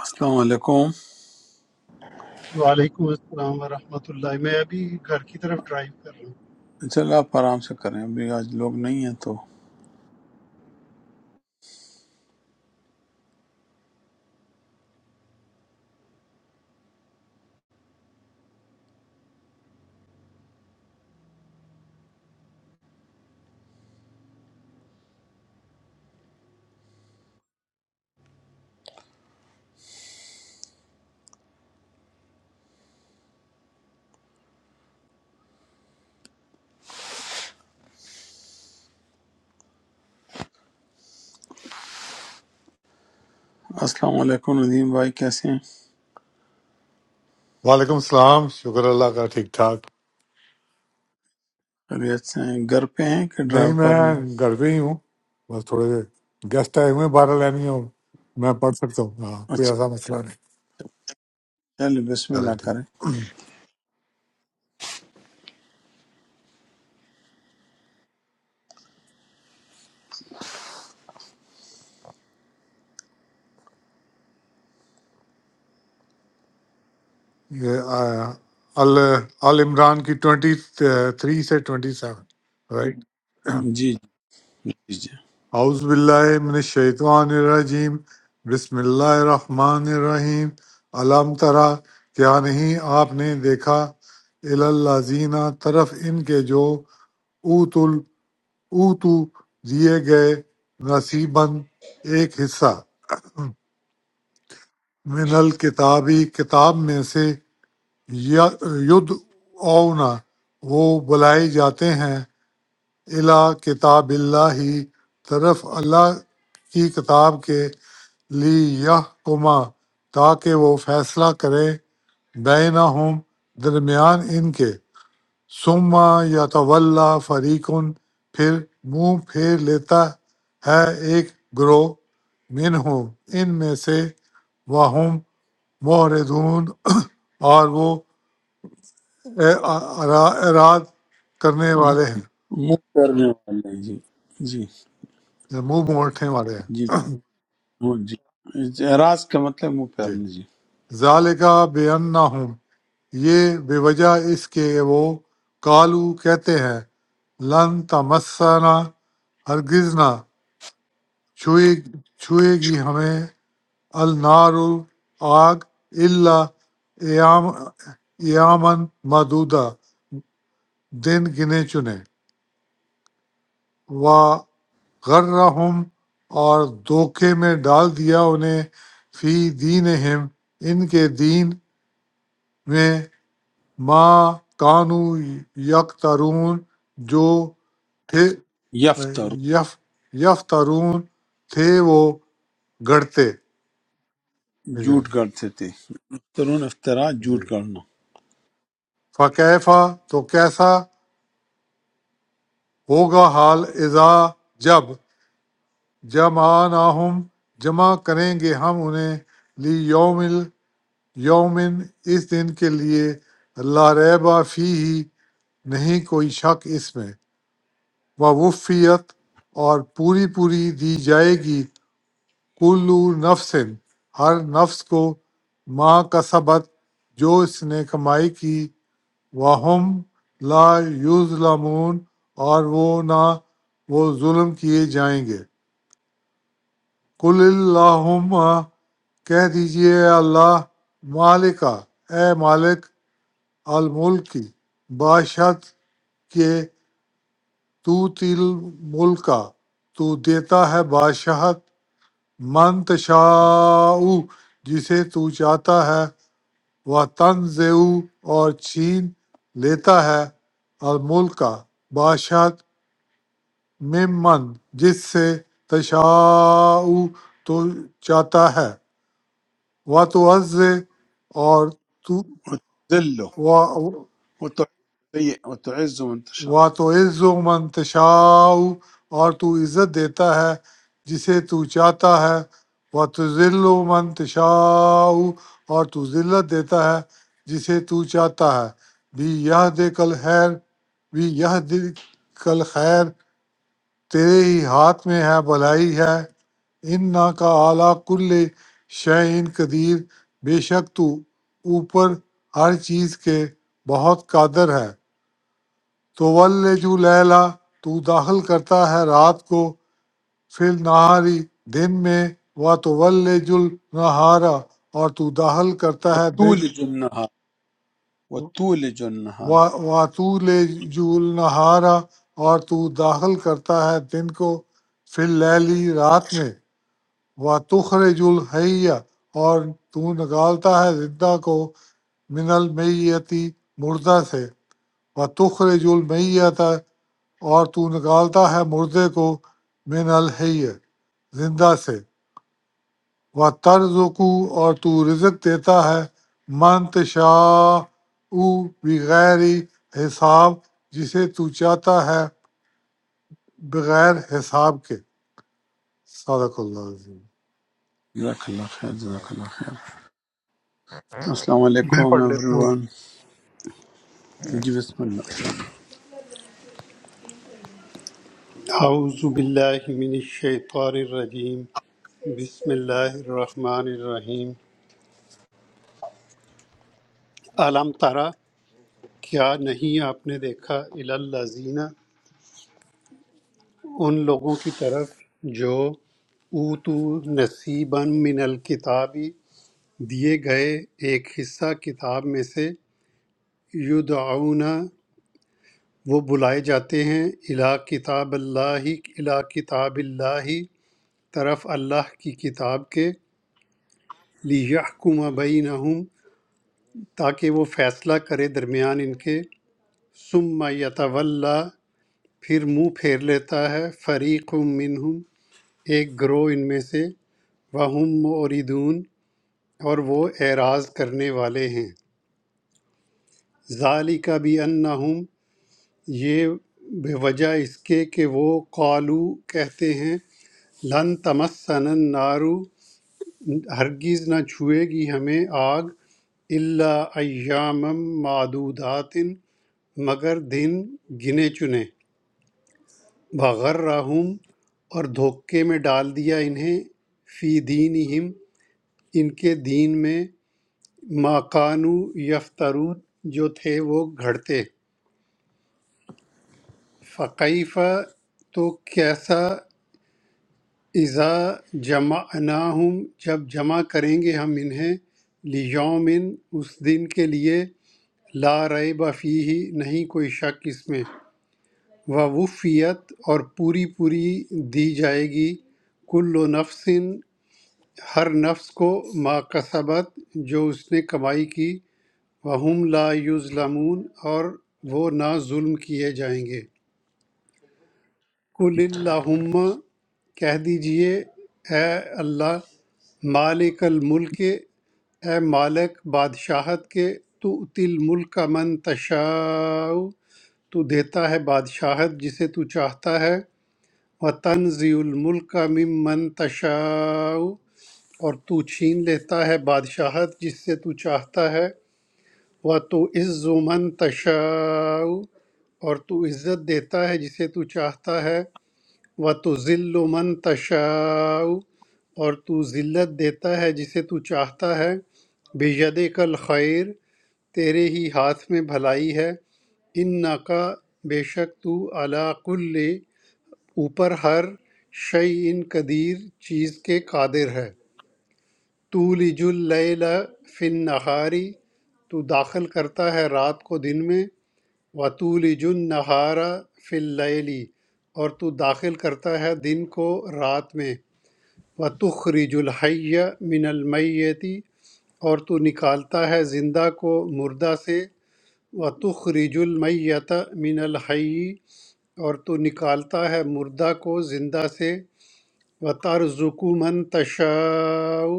السلام علیکم وعلیکم السلام ورحمۃ اللہ میں ابھی گھر کی طرف ڈرائیو کر رہا ہوں چلو آپ آرام سے کریں ابھی آج لوگ نہیں ہیں تو السلام علیکم ندیم بھائی کیسے ہیں وعلیکم السلام شکر اللہ کا ٹھیک ٹھاک خیریت سے ہیں گھر پہ ہیں کہ نہیں ڈرائیو کر رہے ہیں میں گھر پہ ہی ہوں بس تھوڑے گیسٹ آئے ہوئے ہیں بارہ لینی ہوں میں پڑھ سکتا ہوں ہاں کوئی اچھا ایسا مسئلہ نہیں چلے بسم چلے اللہ کریں ٹھیک یہ آیا، ال آل عمران کی ٹوینٹی تھری سے ٹوینٹی سیون رائٹ جی جی جی جی اعوذ باللہ من الشیطان الرجیم بسم اللہ الرحمن الرحیم علام ترا کیا نہیں آپ نے دیکھا الازینہ طرف ان کے جو اوت او تو دیے گئے نصیباً ایک حصہ من الکتابی کتاب میں سے ید اونا وہ بلائے جاتے ہیں الا کتاب اللہ ہی طرف اللہ کی کتاب کے لی یہ کما تاکہ وہ فیصلہ کرے بینہم درمیان ان کے ثم یتولا فریقن پھر منہ پھیر لیتا ہے ایک گروہ منہم ان میں سے وہم معرضون اور وہ اعرا- اعراض کرنے والے ہیں منہ پھیرنے والے ہیں جی جی یا منہ موڑنے والے ہیں جی وہ جی اعراض کا مطلب منہ جی پھیرنا جی ذالکا بے ہوں یہ بے وجہ اس کے وہ کالو کہتے ہیں لن تمسنا ہرگز نہ چھوئے چھوئے گی ہمیں النار آگ اللہ ایام ایامن مدودہ دن گنے چنے و غرہم اور دھوکے میں ڈال دیا انہیں فی دینہم ان کے دین میں ما کانو یکترون جو تھے یفتر یف یفترون تھے وہ گڑتے جھوٹ گڑتے تھے ترون افطرا جھوٹ جی گڑنا فقیفہ تو کیسا ہوگا حال اذا جب جمع ناہم جمع کریں گے ہم انہیں لی یومل یومن اس دن کے لیے اللہ ریبا فی ہی نہیں کوئی شک اس میں وفیت اور پوری پوری دی جائے گی کلو نفسن ہر نفس کو ماں کا سبت جو اس نے کمائی کی واہم لا یظلمون اور وہ نہ وہ ظلم کیے جائیں گے قل اللہم کہہ دیجئے اے اللہ مالکا اے مالک الملک کی بادشاہت کہ تو تل ملکا تو دیتا ہے بادشاہت من تشاء جسے تو چاہتا ہے وہ تنزع اور چھین لیتا ہے الملکا بادشاہت ممن جس سے تشاء تو چاہتا ہے و تو عز اور تو ذلو وتعز من تشاء و تو عز من تشاء اور تو عزت دیتا ہے جسے تو چاہتا ہے و تو ذل من تشاء اور تو ذلت دیتا ہے جسے تو چاہتا ہے بھی یہ دے کل خیر بھی یہ دل کل خیر تیرے ہی ہاتھ میں ہے بھلائی ہے ان نا کا اعلیٰ کل شعین قدیر بے شک تو اوپر ہر چیز کے بہت قادر ہے تو ول جو لیلا تو داخل کرتا ہے رات کو فل نہاری دن میں و تو ول جل نہارا اور تو داخل کرتا ہے دن وتولج النهار وتولج النهار و تو لے جول نہارا اور تو داخل کرتا ہے دن کو فل لیلی رات میں و تخرج الحی اور تو نکالتا ہے زندہ کو من المیتی مردہ سے و تخرج المیت اور تو نکالتا ہے مردے کو من الحی زندہ سے و ترزقو اور تو رزق دیتا ہے من تشاء بغیر حساب جسے تو چاہتا ہے بغیر حساب کے صدق اللہ Jazakallah khair, عظیم Jazakallah khair. Assalamu میں پڑھ alaikum, لیتا ہوں everyone. Ji Bismillah. اعوذ باللہ من الشیطان الرجیم بسم اللہ الرحمن الرحیم علم ترا کیا نہیں آپ نے دیکھا الالذین ان لوگوں کی طرف جو اوتو نصیبا من الکتابی دیے گئے ایک حصہ کتاب میں سے یدعون وہ بلائے جاتے ہیں الا کتاب اللہ الا کتاب اللہ طرف اللہ کی کتاب کے لیحکم بینہم تاکہ وہ فیصلہ کرے درمیان ان کے ثم یتولا پھر منہ پھیر لیتا ہے فریق منہم ایک گروہ ان میں سے وہم موردون اور وہ اعراض کرنے والے ہیں ذالک بھی انہم یہ بے وجہ اس کے کہ وہ قالو کہتے ہیں لن تمسن النار ہرگز نہ چھوئے گی ہمیں آگ الا ایام معدودات مگر دن گنے چنے وغرہم اور دھوکے میں ڈال دیا انہیں فی دینہم ان کے دین میں ما کانوا یفترون جو تھے وہ گھڑتے فقیفہ تو کیسا اذا جمعناہم جب جمع کریں گے ہم انہیں لیومن اس دن کے لیے لا ریب فیہ نہیں کوئی شک اس میں ووفیت اور پوری پوری دی جائے گی کل نفس ہر نفس کو ما کسبت جو اس نے کمائی کی وہم لا یظلمون اور وہ نہ ظلم کیے جائیں گے کل اللہم کہہ دیجئے اے اللہ مالک الملک اے مالک بادشاہت کے تو تل ملک کا من تشاء تو دیتا ہے بادشاہت جسے تو چاہتا ہے و تنزی الملک کا ممن تشاء اور تو چھین لیتا ہے بادشاہت جس سے تو چاہتا ہے و تو عز من تشاء اور تو عزت دیتا ہے جسے تو چاہتا ہے و تو ذل و من تشاء اور تو ذلت دیتا ہے جسے تو چاہتا ہے بید کل خیر تیرے ہی ہاتھ میں بھلائی ہے ان کا بے شک تو علا کل اوپر ہر شعی ان قدیر چیز کے قادر ہے تو لج اللیل فن نہاری تو داخل کرتا ہے رات کو دن میں وَتُولِجُ النَّهَارَ فِي اللَّيْلِ اور تو داخل کرتا ہے دن کو رات میں وَتُخْرِجُ الْحَيَّ مِنَ الْمَيِّتِ اور تو نکالتا ہے زندہ کو مردہ سے وَتُخْرِجُ الْمَيَّتَ مِنَ الْحَيِّ اور تو نکالتا ہے مردہ کو زندہ سے و ترزق من تشاء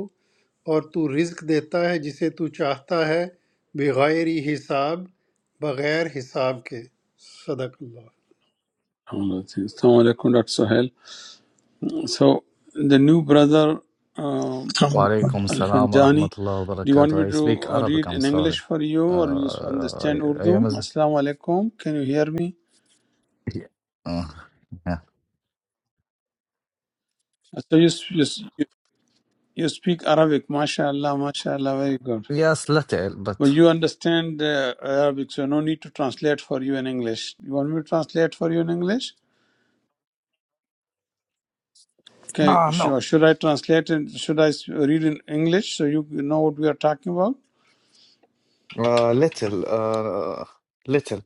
اور تو رزق دیتا ہے جسے تو چاہتا ہے بغیر حساب بغیر حساب کے صدق اللہ Alhamdulillah. Assalamu alaikum, Dr. Sahel. So, the new brother, um, ہم- Al- وعليكم السلام ورحمة Al-Fanjani, الله do you want me وبركاته. I to speak uh, Arabic, read I'm in sorry. English for you or you Uh, understand I, I am Urdu? a... Assalamu alaikum. Can you hear me? Uh, yeah. Uh, So, you, s- you, s- you you speak Arabic. MashaAllah, MashaAllah, very good. Yes, little, But but... you understand uh, Arabic, so no need to translate for you in English. You want me to translate for you in English? okay ah no sure should I translate and should I read in English so you know what we are talking about ah little ah little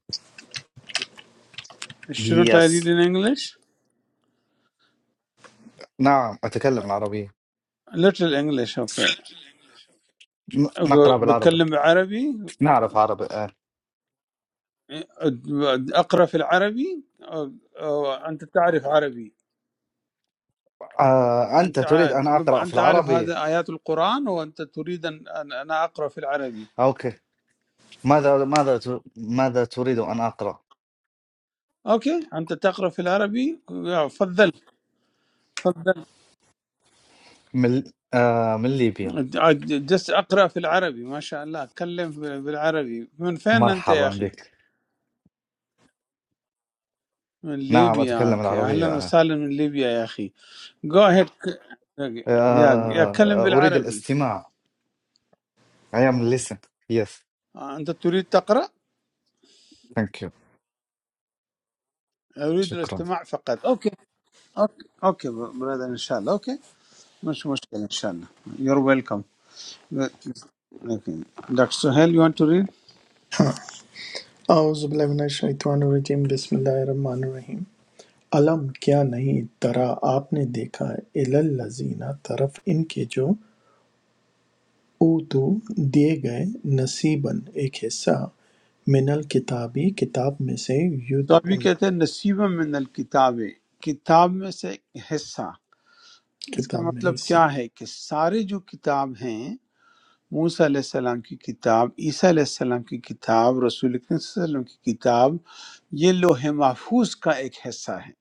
shouldn't I read yes in English نعم أتكلم العربية A little English okay ن- نقرأ بالعربي ببكلم عربي نعرف عربي آه. أ أقرأ في العربي أ أنت تعرف عربي آه أنت أنت تريد عاد أن نب أقرأ في أنت تعرف العربي هذا آيات القرآن وأنت تريد أن أن- أنا أقرأ في العربي أوكي ماذا ماذا ت- ماذا تريد أن أقرأ okay أنت تقرأ في العربي يا، فضل فضل من آه من ليبيا جس اقرا في العربي ما شاء الله اتكلم في- بالعربي من فين انت يا مرحبا اخي بك من نعم ليبيا أتكلم اوكي اهلا العربية آه. وسهلا من ليبيا يا اخي جو هيد يا يا كلم آه، أريد بالعربي الاستماع I am listen yes آه، انت تريد تقرا thank you اريد شكرا الاستماع فقط اوكي اوكي اوكي برادر ان شاء الله اوكي مش مشكله ان شاء الله your welcome doctor Suhail you want to read ہاں اعوذ باللہ من الشیطان الرجیم بسم اللہ الرحمن الرحیم علم کیا نہیں ترا آپ نے دیکھا الالذین طرف ان کے جو اوتو دیے گئے نصیباً ایک حصہ من الکتابی کتاب میں سے ید तो अभी कहते हैं नसीब में नल किताबें किताब में से एक हिस्सा اس کا کتاب میں مطلب حصہ کیا ہے کہ سارے جو کتاب ہیں موسیٰ علیہ السلام کی کتاب عیسیٰ علیہ السلام کی کتاب رسول اکرم صلی اللہ علیہ وسلم کی کتاب یہ لوح محفوظ کا ایک حصہ ہے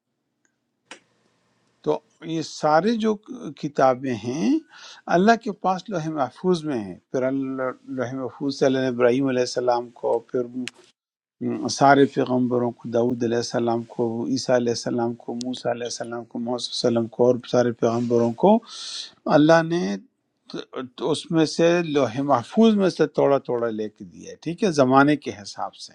تو یہ سارے جو کتابیں ہیں اللہ کے پاس لوح محفوظ میں ہیں پھر اللہ لوح محفوظ سے اللہ نے ابراہیم علیہ السلام کو پھر م، سارے پیغمبروں کو داود علیہ السلام کو عیسیٰ علیہ السلام کو موسیٰ علیہ السلام کو محمد صلی اللہ علیہ وسلم کو اور سارے پیغمبروں کو اللہ نے اس میں سے لوح محفوظ میں سے توڑا توڑا لے کے دیا ہے ٹھیک ہے زمانے کے حساب سے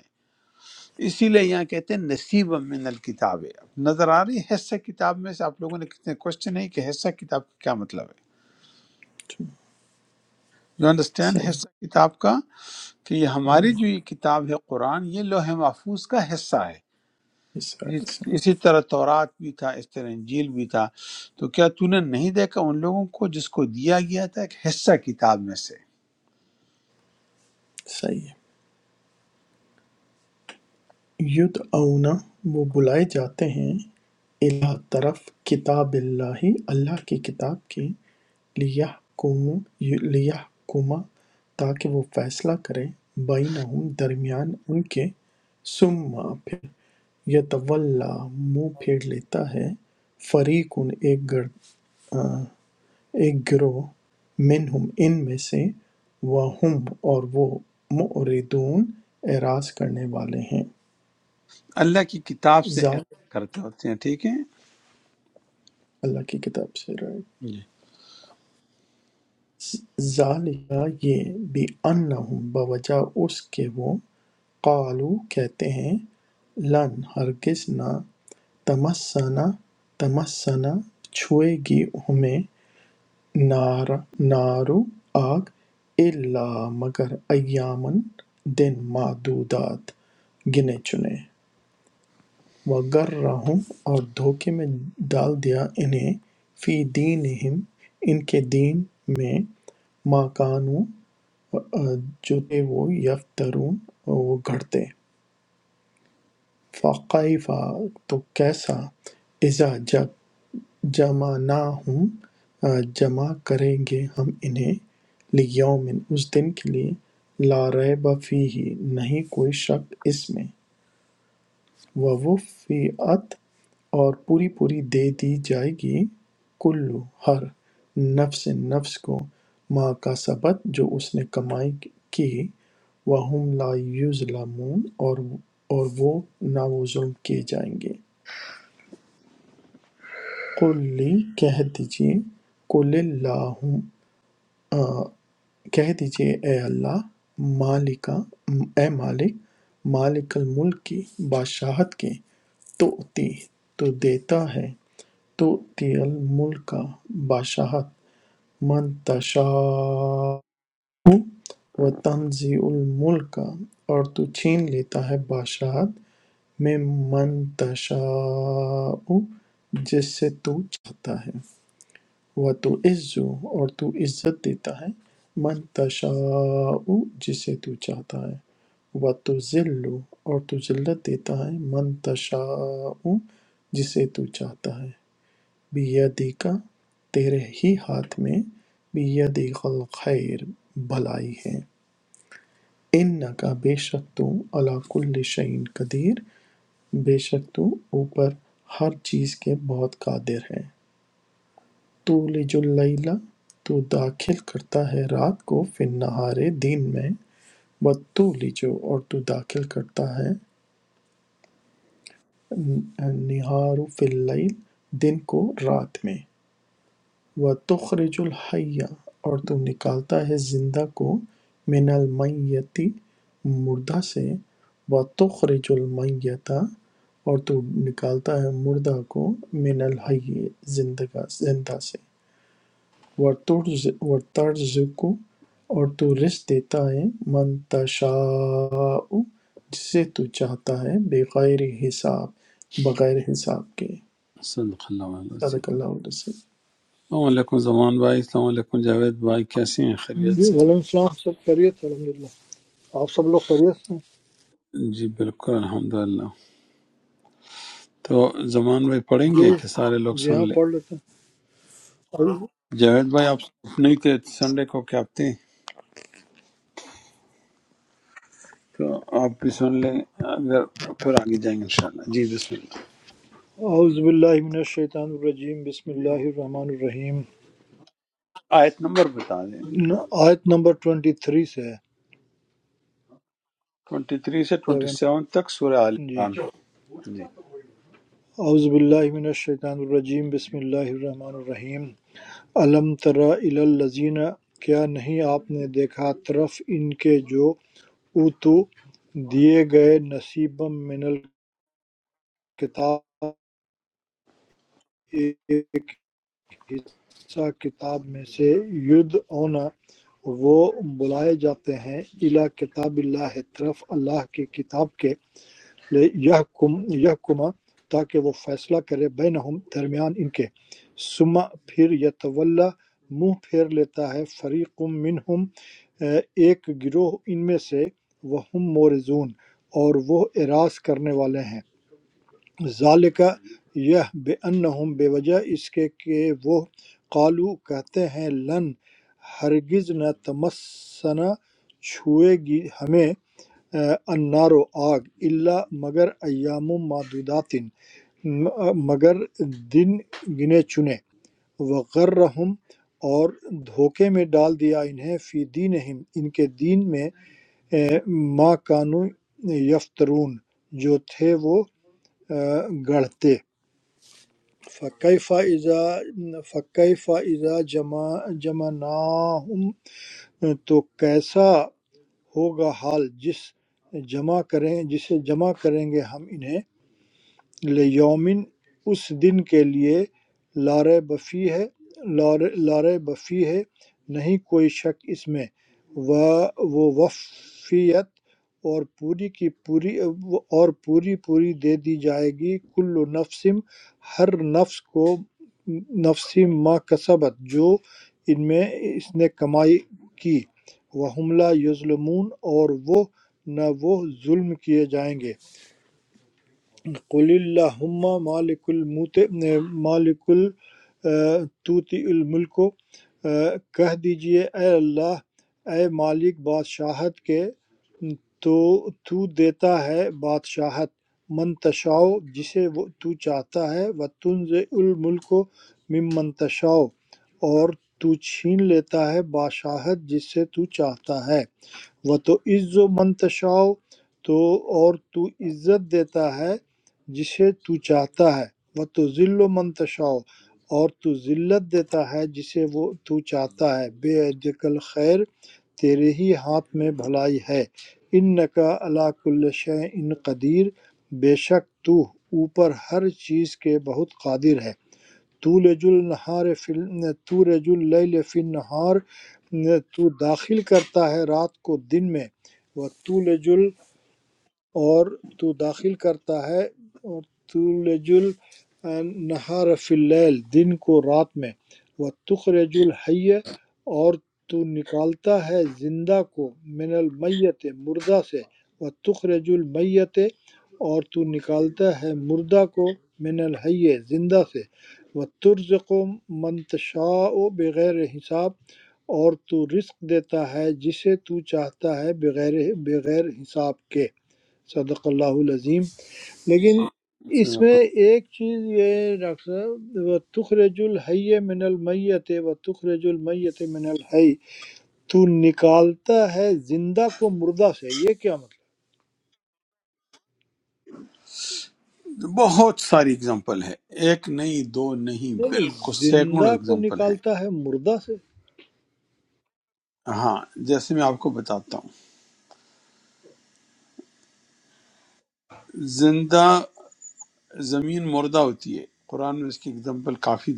اسی لیے یہاں کہتے ہیں نصیب من الکتاب نظر آ رہی ہے حصہ کتاب میں سے آپ لوگوں نے کتنے کوشچن ہے کہ حصہ کتاب کا کیا مطلب ہے یو انڈرسٹینڈ صحیح حصہ کتاب کا کہ یہ ہے۔ ہماری جو یہ کتاب ہے قرآن یہ لوح محفوظ کا حصہ ہے حصہ یہ- صحیح ہے۔ اسی طرح تورات بھی تھا اس طرح انجیل بھی تھا تو کیا تو نے نہیں دیکھا ان لوگوں کو جس کو دیا گیا تھا ایک حصہ کتاب میں سے صحیح ہے۔ ید وہ بلائے جاتے ہیں الہ طرف کتاب اللہ اللہ کی کتاب کی لِیَحْکُمُوا لِیَحْکُمَ تاکہ وہ فیصلہ کرے بَینَھُم درمیان ان کے ثُمَّ پھر یَتَوَلَّیٰ منہ پھیر لیتا ہے فَرِیقٌ ایک گر ایک گروہ مِنْھُم ان میں سے وَھُم اور وہ مُعْرِضُون اعراض کرنے والے ہیں اللہ کی کتاب سے اعراض ذالک کرتے ہوتے ہیں ٹھیک ہے اللہ کی کتاب سے جی رائٹ ذالک یہ بھی انہم بوجہ اس کے وہ قالوا کہتے ہیں لن ہرگز نہ تمسنا تمسنا چھوئے گی ہمیں نار نارو آگ الا مگر ایامن دن معدودات گنے چنے وگر رہوں اور دھوکے میں ڈال دیا انہیں فی دینہم ان کے دین میں ماں کانو جو تھے وہ یفترون وہ گھڑتے فَكَيْفَ تو کیسا اذا جمعناہم جمع کریں گے ہم انہیں لیوم اس دن کے لیے لا ریب فیہ نہیں کوئی شک اس میں ووفیت اور پوری پوری دے دی جائے گی کلو ہر نفس نفس کو ما کا سبت جو اس نے کمائی کی وہم لا یظلمون اور اور وہ نہ وہ ظلم کیے جائیں گے قل لی کہہ دیجئے قل اللہ کہہ دیجئے اے اللہ مالکا اے مالک مالک الملک کی بادشاہت کے تو تی تو دیتا ہے تو تی الملک کا بادشاہت من تشاء و تنزی الملک کا اور تو چھین لیتا ہے بادشاہت میں من تشاء جس سے تو چاہتا ہے و تو عزو اور تو عزت دیتا ہے من تشاء جسے تو چاہتا ہے و تو ذلو اور تو ذلت دیتا ہے من تشاء جسے تو چاہتا ہے بیدی کا تیرے ہی ہاتھ میں بیدی الخیر بھلائی ہے ان کا بے شک تو علا کل شعین قدیر بے شک تو اوپر ہر چیز کے بہت قادر ہے تولج اللیل تو داخل کرتا ہے رات کو فی النہار دن میں وتولج اور تو داخل کرتا ہے النہار فی اللیل دن کو رات میں وتخرج الحی اور تو نکالتا ہے زندہ کو من المیتی مردہ سے وتخرج المیتہ اور تو نکالتا ہے مردہ کو من الحی زندگا زندہ سے وَتُرْزِقُ اور تو رزق دیتا ہے من تشاء جسے تو چاہتا ہے بغیر حساب بغیر حساب کے صدق اللہ علیہ وسلم۔ صدق اللہ علیہ وسلم. السلام علیکم زمان بھائی السلام علیکم جاوید بھائی کیسے ہیں خیریت جی سے وعلیکم ہیں؟ السلام سب خیریت ہے الحمدللہ آپ سب لوگ خیریت سے ہیں جی بالکل الحمدللہ تو زمان بھائی پڑھیں جی گے کہ سارے لوگ جی سن ہاں لیں پڑھ لیتے ہیں اعوذ جاوید بھائی آپ نہیں تھے سنڈے کو کیا آپ تھے تو آپ بھی سن لیں اگر پھر آگے جائیں گے انشاءاللہ جی بسم اعوذ باللہ من الشیطان الرجیم بسم اللہ الرحمن الرحیم آیت نمبر بتا دیں ن- آیت نمبر 23 سے ہے 23 سے سیون 27 تک سورہ آل جی عمران جی اعوذ باللہ من الشیطان الرجیم بسم اللہ الرحمن الرحیم علم تری الی الذین کیا نہیں آپ نے دیکھا طرف ان کے جو اوتو دیے گئے نصیب من الکتاب حصہ کتاب میں سے یدعونا وہ بلائے جاتے ہیں الی کتاب اللہ طرف اللہ کی کتاب کے یحکم یحکما تاکہ وہ فیصلہ کرے بینہم درمیان ان کے ثم پھر یتولا منہ پھیر لیتا ہے فریق منہم اے، ایک گروہ ان میں سے وہ ہم مورزون اور وہ اراض کرنے والے ہیں ذالکہ یہ بے انہم بے وجہ اس کے کہ وہ قالو کہتے ہیں لن ہرگز نہ تمسنا چھوئے گی ہمیں اے، النارو آگ اللہ مگر ایام معدوداتن مگر دن گنے چنے وغرہم اور دھوکے میں ڈال دیا انہیں فی دینہم ان کے دین میں اے، ما کانو یفترون جو تھے وہ اے، گڑھتے فَكَيْفَ إِذَا فَكَيْفَ إِذَا جَمَع جَمَعْنَاهُمْ تو کیسا ہوگا حال جس جمع کریں جسے جمع کریں گے ہم انہیں لیومن اس دن کے لیے لارے بفی ہے لارے لارے بفی ہے نہیں کوئی شک اس میں و وہ وفیت اور پوری کی پوری اور پوری پوری دے دی جائے گی کل نفسم ہر نفس کو نفسی ما کسبت جو ان میں اس نے کمائی کی وہ حملہ یظلمون اور وہ نہ وہ ظلم کیے جائیں گے قل اللہم مالک الموت مالک توتی الملک کہہ دیجئے اے اللہ اے مالک بادشاہت کے تو تو دیتا ہے بادشاہت منتشاؤ جسے وہ تو چاہتا ہے و تنز الملک مم منتشاؤ اور تو چھین لیتا ہے بادشاہت جس سے تو چاہتا ہے و تو عز و منتشاء تو اور تو عزت دیتا ہے جسے تو چاہتا ہے و تو ذل و منتشاء اور تو ذلت دیتا ہے جسے وہ تو چاہتا ہے بے عدل خیر تیرے ہی ہاتھ میں بھلائی ہے ان نقا اللہ کل شے ان قدیر بے شک تو اوپر ہر چیز کے بہت قادر ہے تولج النہار فی ال- تولج اللیل فی النہار تو داخل کرتا ہے رات کو دن میں وہ تولج ال اور تو داخل کرتا ہے اور تولج النہار فی اللیل دن کو رات میں وتخرج الحی اور تو نکالتا ہے زندہ کو من المیت مردہ سے وتخرج المیت اور تو نکالتا ہے مردہ کو من الحی زندہ سے وترزق من تشاء بغیر حساب اور تو رزق دیتا ہے جسے تو چاہتا ہے بغیر بغیر حساب کے صدق اللہ العظیم لیکن اس صدق میں ایک چیز یہ ہے ڈاکٹر صاحب وہ تخرج الحی من المیت و تخرج المیت من الحی تو نکالتا ہے زندہ کو مردہ سے یہ کیا مطلب اللہ۔ بہت ساری اگزامپل ہے ایک نہیں دو نہیں نہیں نہیں بالکل سینکڑوں زندہ کو اگزامپل ہیں نکالتا ہے مردہ سے ہاں جیسے میں آپ کو بتاتا ہوں زندہ زمین مردہ ہوتی ہے قرآن میں اس کی اگزامپل کافی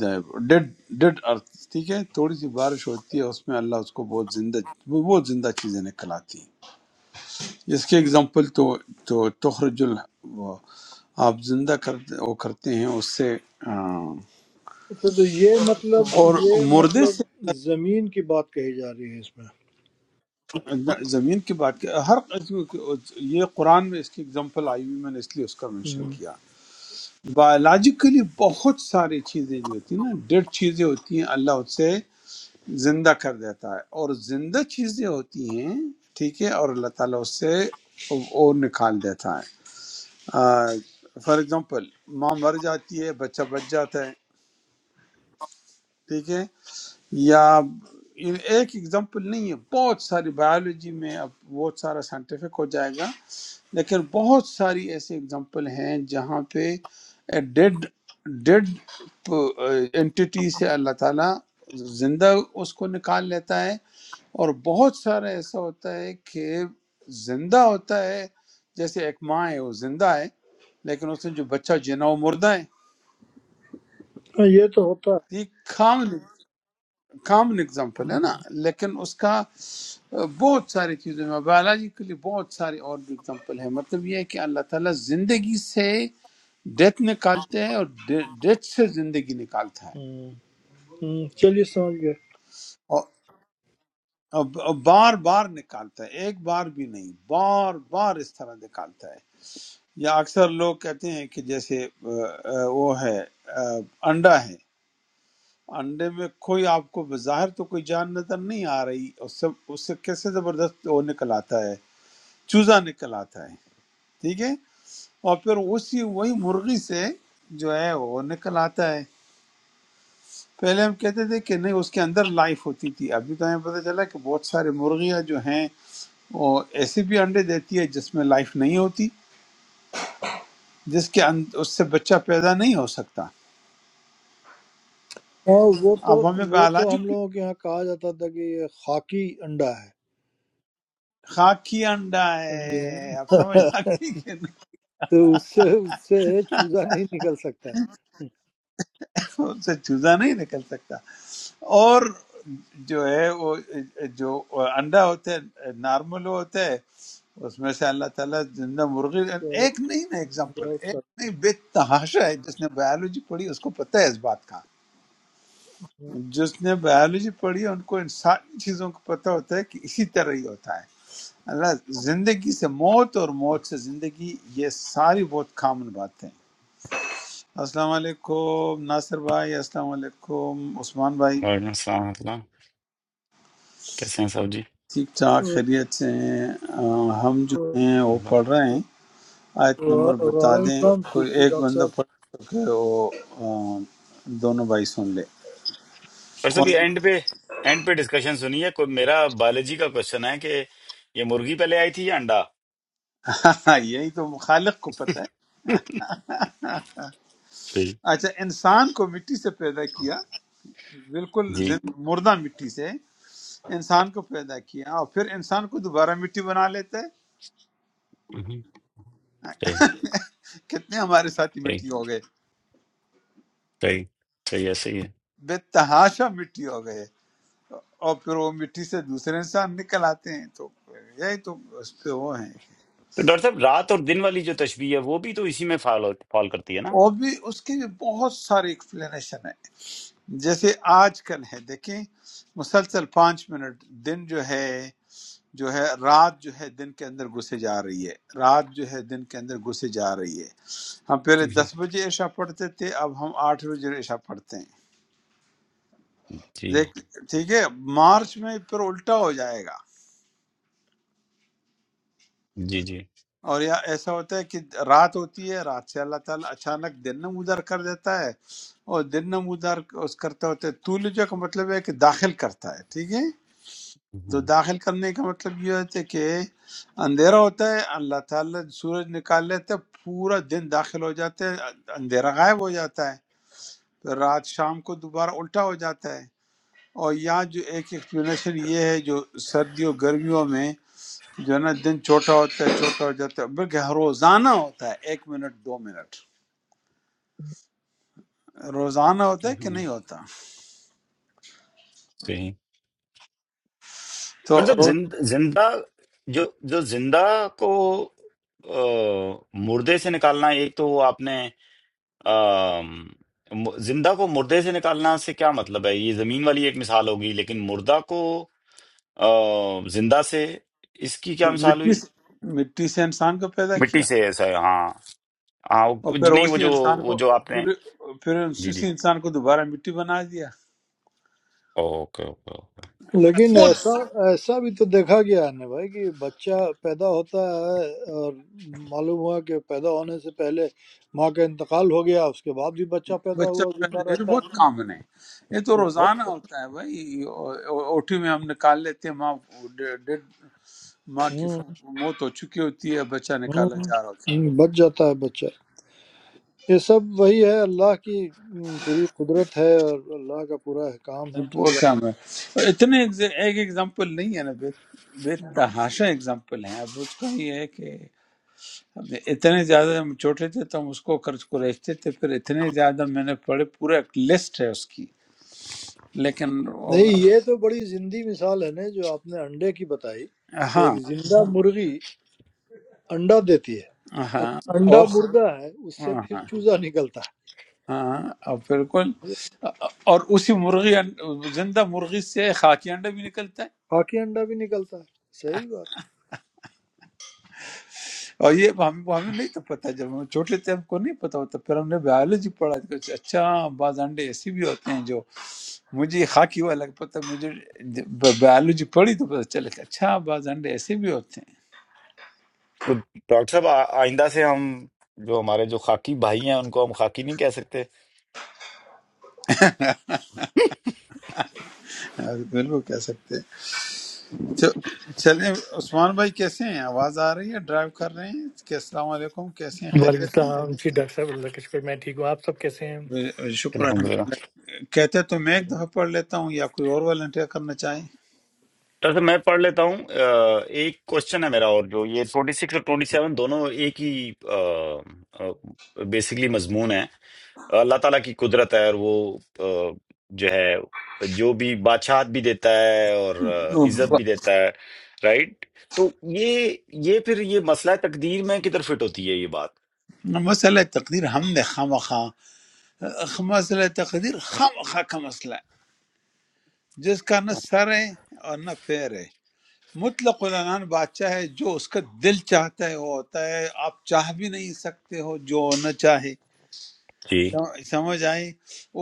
ڈیڈ ڈیڈ ارتھ ٹھیک ہے تھوڑی سی بارش ہوتی ہے اس میں اللہ اس کو بہت زندہ بہت زندہ چیزیں نکل آتی ہیں اس کے اگزامپل تو تو تخرج ال وہ آپ زندہ کرتے وہ کرتے ہیں اس سے آ، اچھا تو یہ مطلب اور یہ مردے مطلب سے زمین کی بات کہی جا رہی ہے اس میں زمین کی بات کر- ہر قسم کی یہ قرآن میں اس کی اگزامپل آئی ہوئی میں نے اس لیے اس کا منشن ہم، کیا بایولوجیکلی بہت ساری چیزیں جو ہوتی ہیں نا ڈیڈ چیزیں ہوتی ہیں اللہ اس سے زندہ کر دیتا ہے اور زندہ چیزیں ہوتی ہیں ٹھیک ہے اور اللہ تعالیٰ اس سے وہ نکال دیتا ہے فار ایگزامپل ماں مر جاتی ہے بچہ بچ جاتا ہے ٹھیک ہے یا یہ ایک ایگزامپل نہیں ہے بہت ساری بایولوجی میں اب بہت سارا سائنٹیفک ہو جائے گا لیکن بہت ساری ایسی ایگزامپل ہیں جہاں پہ ڈیڈ ڈیڈ انٹیٹی سے اللہ تعالیٰ زندہ اس کو نکال لیتا ہے اور بہت سارا ایسا ہوتا ہے کہ زندہ ہوتا ہے جیسے ایک ماں ہے وہ زندہ ہے لیکن اس نے جو بچہ جنا وہ مردہ ہے ہاں، یہ تو ہوتا یہ خام کامن اگزامپل ہے نا لیکن اس کا آ، بہت ساری چیزوں میں بایولوجیکلی بہت ساری اور بھی اگزامپل ہے مطلب یہ ہے کہ اللہ تعالیٰ زندگی سے ڈیتھ نکالتے ہیں اور ڈیتھ سے زندگی نکالتا ہے ہے ہم، ہم، چلیے سمجھ گئے اور اور بار بار نکالتا ہے ایک بار بھی نہیں بار بار اس طرح نکالتا ہے یا اکثر لوگ کہتے ہیں کہ جیسے آ، آ، وہ ہے آ، انڈا ہے انڈے میں کوئی آپ کو بظاہر تو کوئی جان نظر نہیں آ رہی اس سے اس سے کیسے زبردست وہ نکل آتا ہے چوزا نکل آتا ہے ٹھیک ہے اور پھر اسی وہی مرغی سے جو ہے وہ نکل آتا ہے پہلے ہم کہتے تھے کہ نہیں اس کے اندر لائف ہوتی تھی ابھی تو ہمیں پتہ چلا کہ بہت سارے مرغیاں جو ہیں وہ ایسے بھی انڈے دیتی ہے جس میں لائف نہیں ہوتی جس کے اند- اس سے بچہ پیدا نہیں ہو سکتا ہاں وہ تو اب ہمیں وہ تو بایولوجی ہم لوگوں کے یہاں کہا جاتا تھا کہ یہ خاکی انڈا ہے خاکی انڈا ہے اب سمجھ آتی کہ نا؟ تو اس سے اس سے چوزا نہیں نکل سکتا ہے۔ ان سے چوزہ نہیں نکل سکتا اور جو ہے وہ جو انڈا ہوتا ہے نارمل ہوتا ہے اس میں سے اللہ تعالیٰ زندہ مرغی تو ایک نہیں نا ایگزامپل بہت سخت ایک نہیں بے تحاشا ہے جس نے بایولوجی پڑھی اس کو پتہ ہے اس بات کا ہے۔ جس نے بایولوجی پڑھی ہے ان کو ان ساری چیزوں کو پتہ ہوتا ہے کہ اسی طرح ہی ہوتا ہے اللہ زندگی سے موت اور موت سے زندگی یہ ساری بہت کامن باتیں ہیں۔ السلام علیکم ناصر بھائی السلام علیکم عثمان بھائی وعلیکم السلام ورحمۃ اللہ کیسے ہیں صاحب جی ٹھیک ٹھاک خیریت سے ہیں آ، ہم جو ہیں وہ اللہ پڑھ رہے ہیں آیت نمبر بتا وعلیکم دیں السلام کوئی کسی ایک ڈاکٹر بندہ صاحب پڑھ تو کہ وہ آ، دونوں بھائی سن لے اور سب کون یہ اینڈ پہ اینڈ پہ ڈسکشن سنیے کوئی میرا بایولوجی کا کوشچن ہے کہ یہ مرغی پہلے آئی تھی یا انڈا یہی تو خالق کو پتہ ہے صحیح اچھا انسان کو مٹی سے پیدا کیا بالکل جی زن- مردہ مٹی سے انسان کو پیدا کیا اور پھر انسان کو دوبارہ مٹی بنا لیتے مہم، صحیح کتنے ہمارے ساتھی صحیح مٹی ہو گئے صحیح صحیح ہے صحیح ہے بے تحاشا مٹی ہو گئے اور پھر وہ مٹی سے دوسرے انسان نکل آتے ہیں تو یہی تو اس پہ وہ ہیں تو ڈاکٹر صاحب رات اور دن والی جو تشبیہ ہے وہ بھی تو اسی میں فال فال کرتی ہے نا اور بھی اس کی بھی بہت ساری ایکسپلینیشن ہے جیسے آج کل ہے دیکھیں مسلسل پانچ منٹ دن جو ہے جو ہے رات جو ہے دن کے اندر گھسے جا رہی ہے رات جو ہے دن کے اندر گھسے جا رہی ہے ہم پہلے مہم، دس بجے عشاء پڑھتے تھے اب ہم آٹھ بجے عشاء پڑھتے ہیں جی دیکھ ٹھیک ہے مارچ میں پھر الٹا ہو جائے گا جی جی اور یا ایسا ہوتا ہے کہ رات ہوتی ہے رات سے اللہ تعالیٰ اچانک دن نمودار کر دیتا ہے اور دن نمودار اس کرتا ہوتا ہے تولجہ کا مطلب ہے کہ داخل کرتا ہے ٹھیک ہے تو مہم، داخل کرنے کا مطلب یہ ہوتا ہے کہ اندھیرا ہوتا ہے اللہ تعالیٰ سورج نکال لیتا ہے پورا دن داخل ہو جاتا ہے اندھیرا غائب ہو جاتا ہے پھر رات شام کو دوبارہ الٹا ہو جاتا ہے اور یہاں جو ایک ایکسپلینیشن یہ ہے جو سردیوں گرمیوں میں جو ہے نا دن چھوٹا ہوتا ہے چھوٹا ہو جاتا ہے بلکہ روزانہ ہوتا ہے ایک منٹ دو منٹ روزانہ ہوتا ہے کہ مہم، نہیں ہوتا صحیح تو ڈاکٹر صاحب رو- زند- زندہ جو جو زندہ کو آ، مردے سے نکالنا ایک تو وہ آپ نے آم، م- زندہ کو مردے سے نکالنا سے کیا مطلب ہے یہ زمین والی ایک مثال ہوگی لیکن مردہ کو آ، زندہ سے اس کی کیا مثال مٹی ہوئی سے مٹی سے انسان کو پیدا مٹی کیا سے ایسا ہے ہاں ہاں اور وہ- پھر نہیں وہ اسی جو انسان وہ کو جو آپ نے پھر پھر جی جی اسی انسان کو دوبارہ مٹی بنا دیا اوکے اوکے اوکے لیکن بہت صحیح ایسا ایسا بھی تو دیکھا گیا ہے نا بھائی کہ بچہ پیدا ہوتا ہے اور معلوم ہوا کہ پیدا ہونے سے پہلے ماں کا انتقال ہو گیا اس کے بعد بھی بچہ پیدا بچہ ہوا زندہ پیدا یہ تو رہتا بہت ہے کامن ہے یہ تو تو روزانہ بہت- ہوتا ہے بھائی او- او- اوٹی میں ہم نکال لیتے ہیں ماں ڈیڈ ماں کی ہوں، فو- موت ہو چکی ہوتی ہے بچہ ہوں، نکالا جا رہا ہوتا ہے ہوں، بچ جاتا ہے بچہ یہ سب وہی ہے اللہ کی م، پوری قدرت ہے اور اللہ کا پورا احکام ہے وہ چل رہا ہے کام ہے اتنے ایگز- ایک ایگزامپل نہیں ہے نا بے بے تحاشا ایگزامپل ہیں اب اس کا یہ ہے کہ اب اتنے زیادہ ہم چھوٹے تھے تو ہم اس کو قرض کو رہتے تھے پھر اتنے زیادہ میں نے پڑھے پورا ایک لسٹ ہے اس کی لیکن نہیں وہ- یہ تو بڑی زندی مثال ہے نا جو آپ نے انڈے کی بتائی کہ ہاں ایک زندہ مرغی انڈا دیتی ہے ہاں اور انڈا اور مردہ ہے اس سے ہاں پھر ہاں چوزا نکلتا ہے ہاں، اور بالکل اور اسی مرغی انڈ- زندہ مرغی سے خاکی انڈا بھی نکلتا ہے باقی انڈا بھی نکلتا ہے صحیح بات اور یہ ہم ہمیں نہیں تو پتہ جب ہم چھوٹے تھے ہم کو نہیں پتہ ہوتا پھر ہم نے بایولوجی پڑھا تو کچھ اچھا بعض انڈے ایسے بھی ہوتے ہیں جو مجھے یہ خاکی ہوا لگ پتہ مجھے بایولوجی پڑھی تو پتہ چلے کہ اچھا بعض انڈے ایسے بھی ہوتے ہیں تو ڈاکٹر صاحب آ- آئندہ سے ہم جو ہمارے جو خاکی بھائی ہیں ان کو ہم خاکی نہیں کہہ سکتے بالکل کہہ سکتے ہیں چل- چلیں عثمان بھائی کیسے ہیں آواز آ رہی ہے ڈرائیو کر رہے ہیں کہ السلام علیکم کیسے ہیں वालेकुम خیریت سے सलाम जी डॉक्टर साहब अल्लाह का शुक्र मैं ठीक हूँ आप सब कैसे हैं ب- شکر ہے الحمدللہ کہتے تو میں ایک دفعہ پڑھ لیتا ہوں یا کوئی اور والنٹیئر کرنا چاہے ڈاکٹر صاحب میں پڑھ لیتا ہوں آ، ایک کوشچن ہے میرا اور جو یہ 26 اور 27 دونوں ایک ہی بیسیکلی مضمون ہے اللہ تعالیٰ کی قدرت ہے اور وہ آ، جو ہے جو بھی بادشاہت بھی دیتا ہے اور آ، عزت بھی دیتا ہے رائٹ تو یہ یہ پھر یہ مسئلہ تقدیر میں کدھر فٹ ہوتی ہے یہ بات مسئلہ تقدیر ہم نے خواہ مسئلہ تقدیر خام خواہ کا مسئلہ ہے جس کا نہ سر ہے اور نہ پیر ہے مطلق العنان بادشاہ ہے جو اس کا دل چاہتا ہے وہ ہوتا ہے آپ چاہ بھی نہیں سکتے ہو جو نہ چاہے جی سم- سمجھ آئے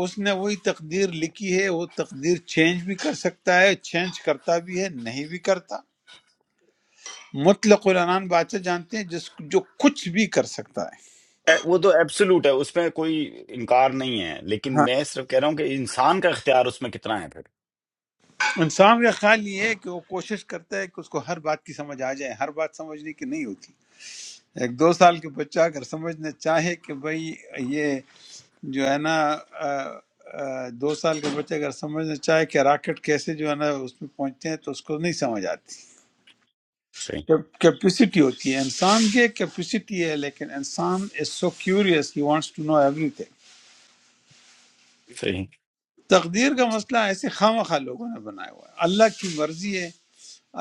اس نے وہی تقدیر لکھی ہے وہ تقدیر چینج بھی کر سکتا ہے چینج کرتا بھی ہے نہیں بھی کرتا مطلق العنان بادشاہ جانتے ہیں جس جو کچھ بھی کر سکتا ہے اے، وہ تو ایبسولوٹ ہے اس میں کوئی انکار نہیں ہے لیکن ہاں میں صرف کہہ رہا ہوں کہ انسان کا اختیار اس میں کتنا ہے پھر انسان کا خیال یہ ہے کہ وہ کوشش کرتا ہے کہ اس کو ہر بات کی سمجھ آ جائے ہر بات سمجھنے کی نہیں ہوتی ایک دو سال کے بچہ اگر سمجھنا چاہے کہ بھئی یہ جو ہے نا آ، آ، دو سال کے بچے اگر سمجھنا چاہے کہ راکٹ کیسے جو ہے نا اس میں پہنچتے ہیں تو اس کو نہیں سمجھ آتی صحیح کیپیسٹی ہوتی ہے انسان کے کیپیسٹی ہے لیکن انسان is so curious he wants to know everything صحیح تقدیر کا مسئلہ ایسے خام خواہ لوگوں نے بنایا ہوا ہے اللہ کی مرضی ہے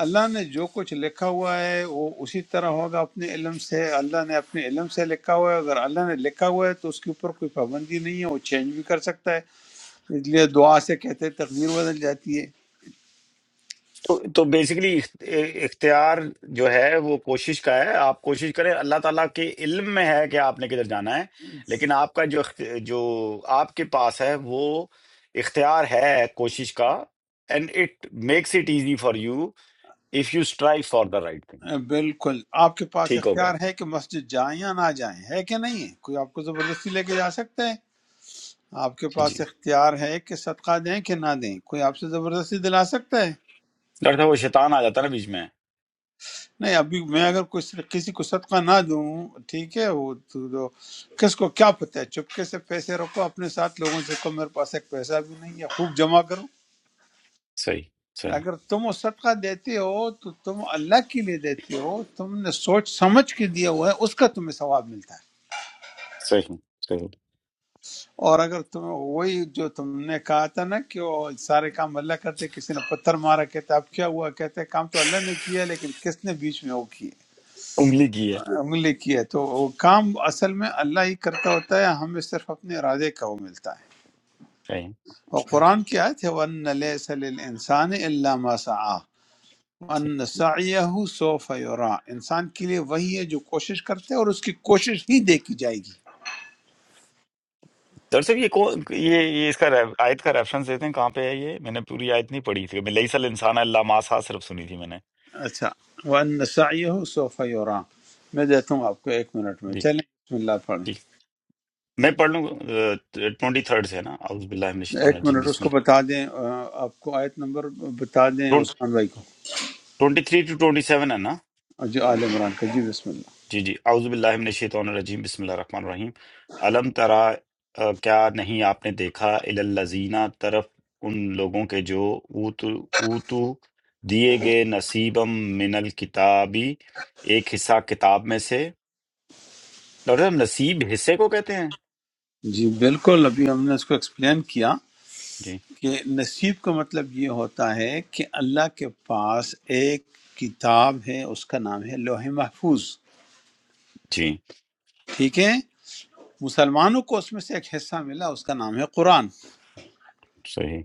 اللہ نے جو کچھ لکھا ہوا ہے وہ اسی طرح ہوگا اپنے علم سے اللہ نے اپنے علم سے لکھا ہوا ہے اگر اللہ نے لکھا ہوا ہے تو اس کے اوپر کوئی پابندی نہیں ہے وہ چینج بھی کر سکتا ہے اس لیے دعا سے کہتے ہیں تقدیر بدل جاتی تو تو بیسیکلی اختیار جو ہے وہ کوشش کا ہے آپ کوشش کریں اللہ تعالیٰ کے علم میں ہے کہ آپ نے کدھر جانا ہے لیکن آپ کا جو اخت- جو آپ کے پاس ہے وہ اختیار ہے کوشش کا and it makes it easy for you if you strive for the right thing ہے بالکل آپ کے پاس ٹھیک ہو گیا اختیار ہے کہ مسجد جائیں یا نہ جائیں ہے کہ نہیں ہے کوئی آپ کو زبردستی لے کے جا سکتا ہے آپ کے جی جی پاس اختیار ہے کہ صدقہ دیں کہ نہ دیں کوئی آپ سے زبردستی دلا سکتا ہے ڈاکٹر صاحب وہ شیطان آ جاتا ہے نا بیچ میں نہیں ابھی میں اگر کوئی صد- کسی کو صدقہ نہ دوں ٹھیک ہے وہ تو دو کس کو کیا پتہ ہے چپکے سے پیسے رکھو اپنے ساتھ لوگوں سے کہو میرے پاس ایک پیسہ بھی نہیں ہے خوب جمع کرو صحیح صحیح اگر تم وہ صدقہ دیتے ہو تو تم اللہ کے لیے دیتے ہو تم نے سوچ سمجھ کے دیا ہوا ہے اس کا تمہیں ثواب ملتا ہے صحیح صحیح اور اگر تم وہی جو تم نے کہا تھا نا کہ وہ سارے کام اللہ کرتے کسی نے پتھر مارا کہتا اب کیا ہوا کہتے کام تو اللہ نے کیا لیکن کس نے بیچ میں وہ کیے انگلی کی ہے ہاں، عملی کی ہے تو وہ کام اصل میں اللہ ہی کرتا ہوتا ہے ہمیں صرف اپنے ارادے کا وہ ملتا ہے اور صحیح قرآن کی آیت ہے وَأَنَّ لَيْسَ لِلْإِنسَانِ إِلَّا مَا سَعَى وَأَنَّ سَعْيَهُ سَوْفَ يُرَى انسان کے لیے وہی ہے جو کوشش کرتے ہے اور اس کی کوشش ہی دیکھی جائے گی ڈاکٹر صاحب یہ کون یہ یہ اس کا ریف- آیت کا ریفرنس دیتے ہیں کہاں پہ ہے یہ میں نے پوری آیت نہیں پڑھی تھی میں لئیسل انسان اللہ ماسا صرف سنی تھی میں نے اچھا وَأَنَّ سَعْيَهُ سَوْفَ يُرَى میں دیتا ہوں آپ کو ایک منٹ میں جی چلیں بسم اللہ پڑھیں ٹھیک میں پڑھ لوں گا۔ ٹوئنٹی تھرڈ سے ہے نا اعوذ باللہ من الشیطان ایک الرجیم منٹ اس بسم کو بتا دیں آ، آپ کو آیت نمبر بتا دیں اللہ عثمان بھائی کو twenty three two twenty seven ہے نا جو آل عمران کا جی بسم جی جی اعوذ باللہ من الشیطان الرجیم بسم اللہ الرحمن الرحیم علم ترا آ، کیا نہیں آپ نے دیکھا الزینہ طرف ان لوگوں کے جو اوتو اوتو دیے گئے نصیبم من الکتابی ایک حصہ کتاب میں سے ڈاکٹر صاحب نصیب حصے کو کہتے ہیں جی بالکل ابھی ہم نے اس کو ایکسپلین کیا جی کہ نصیب کا مطلب یہ ہوتا ہے کہ اللہ کے پاس ایک کتاب ہے اس کا نام ہے لوح محفوظ جی ٹھیک ہے مسلمانوں کو اس میں سے ایک حصہ ملا اس کا نام ہے قرآن صحیح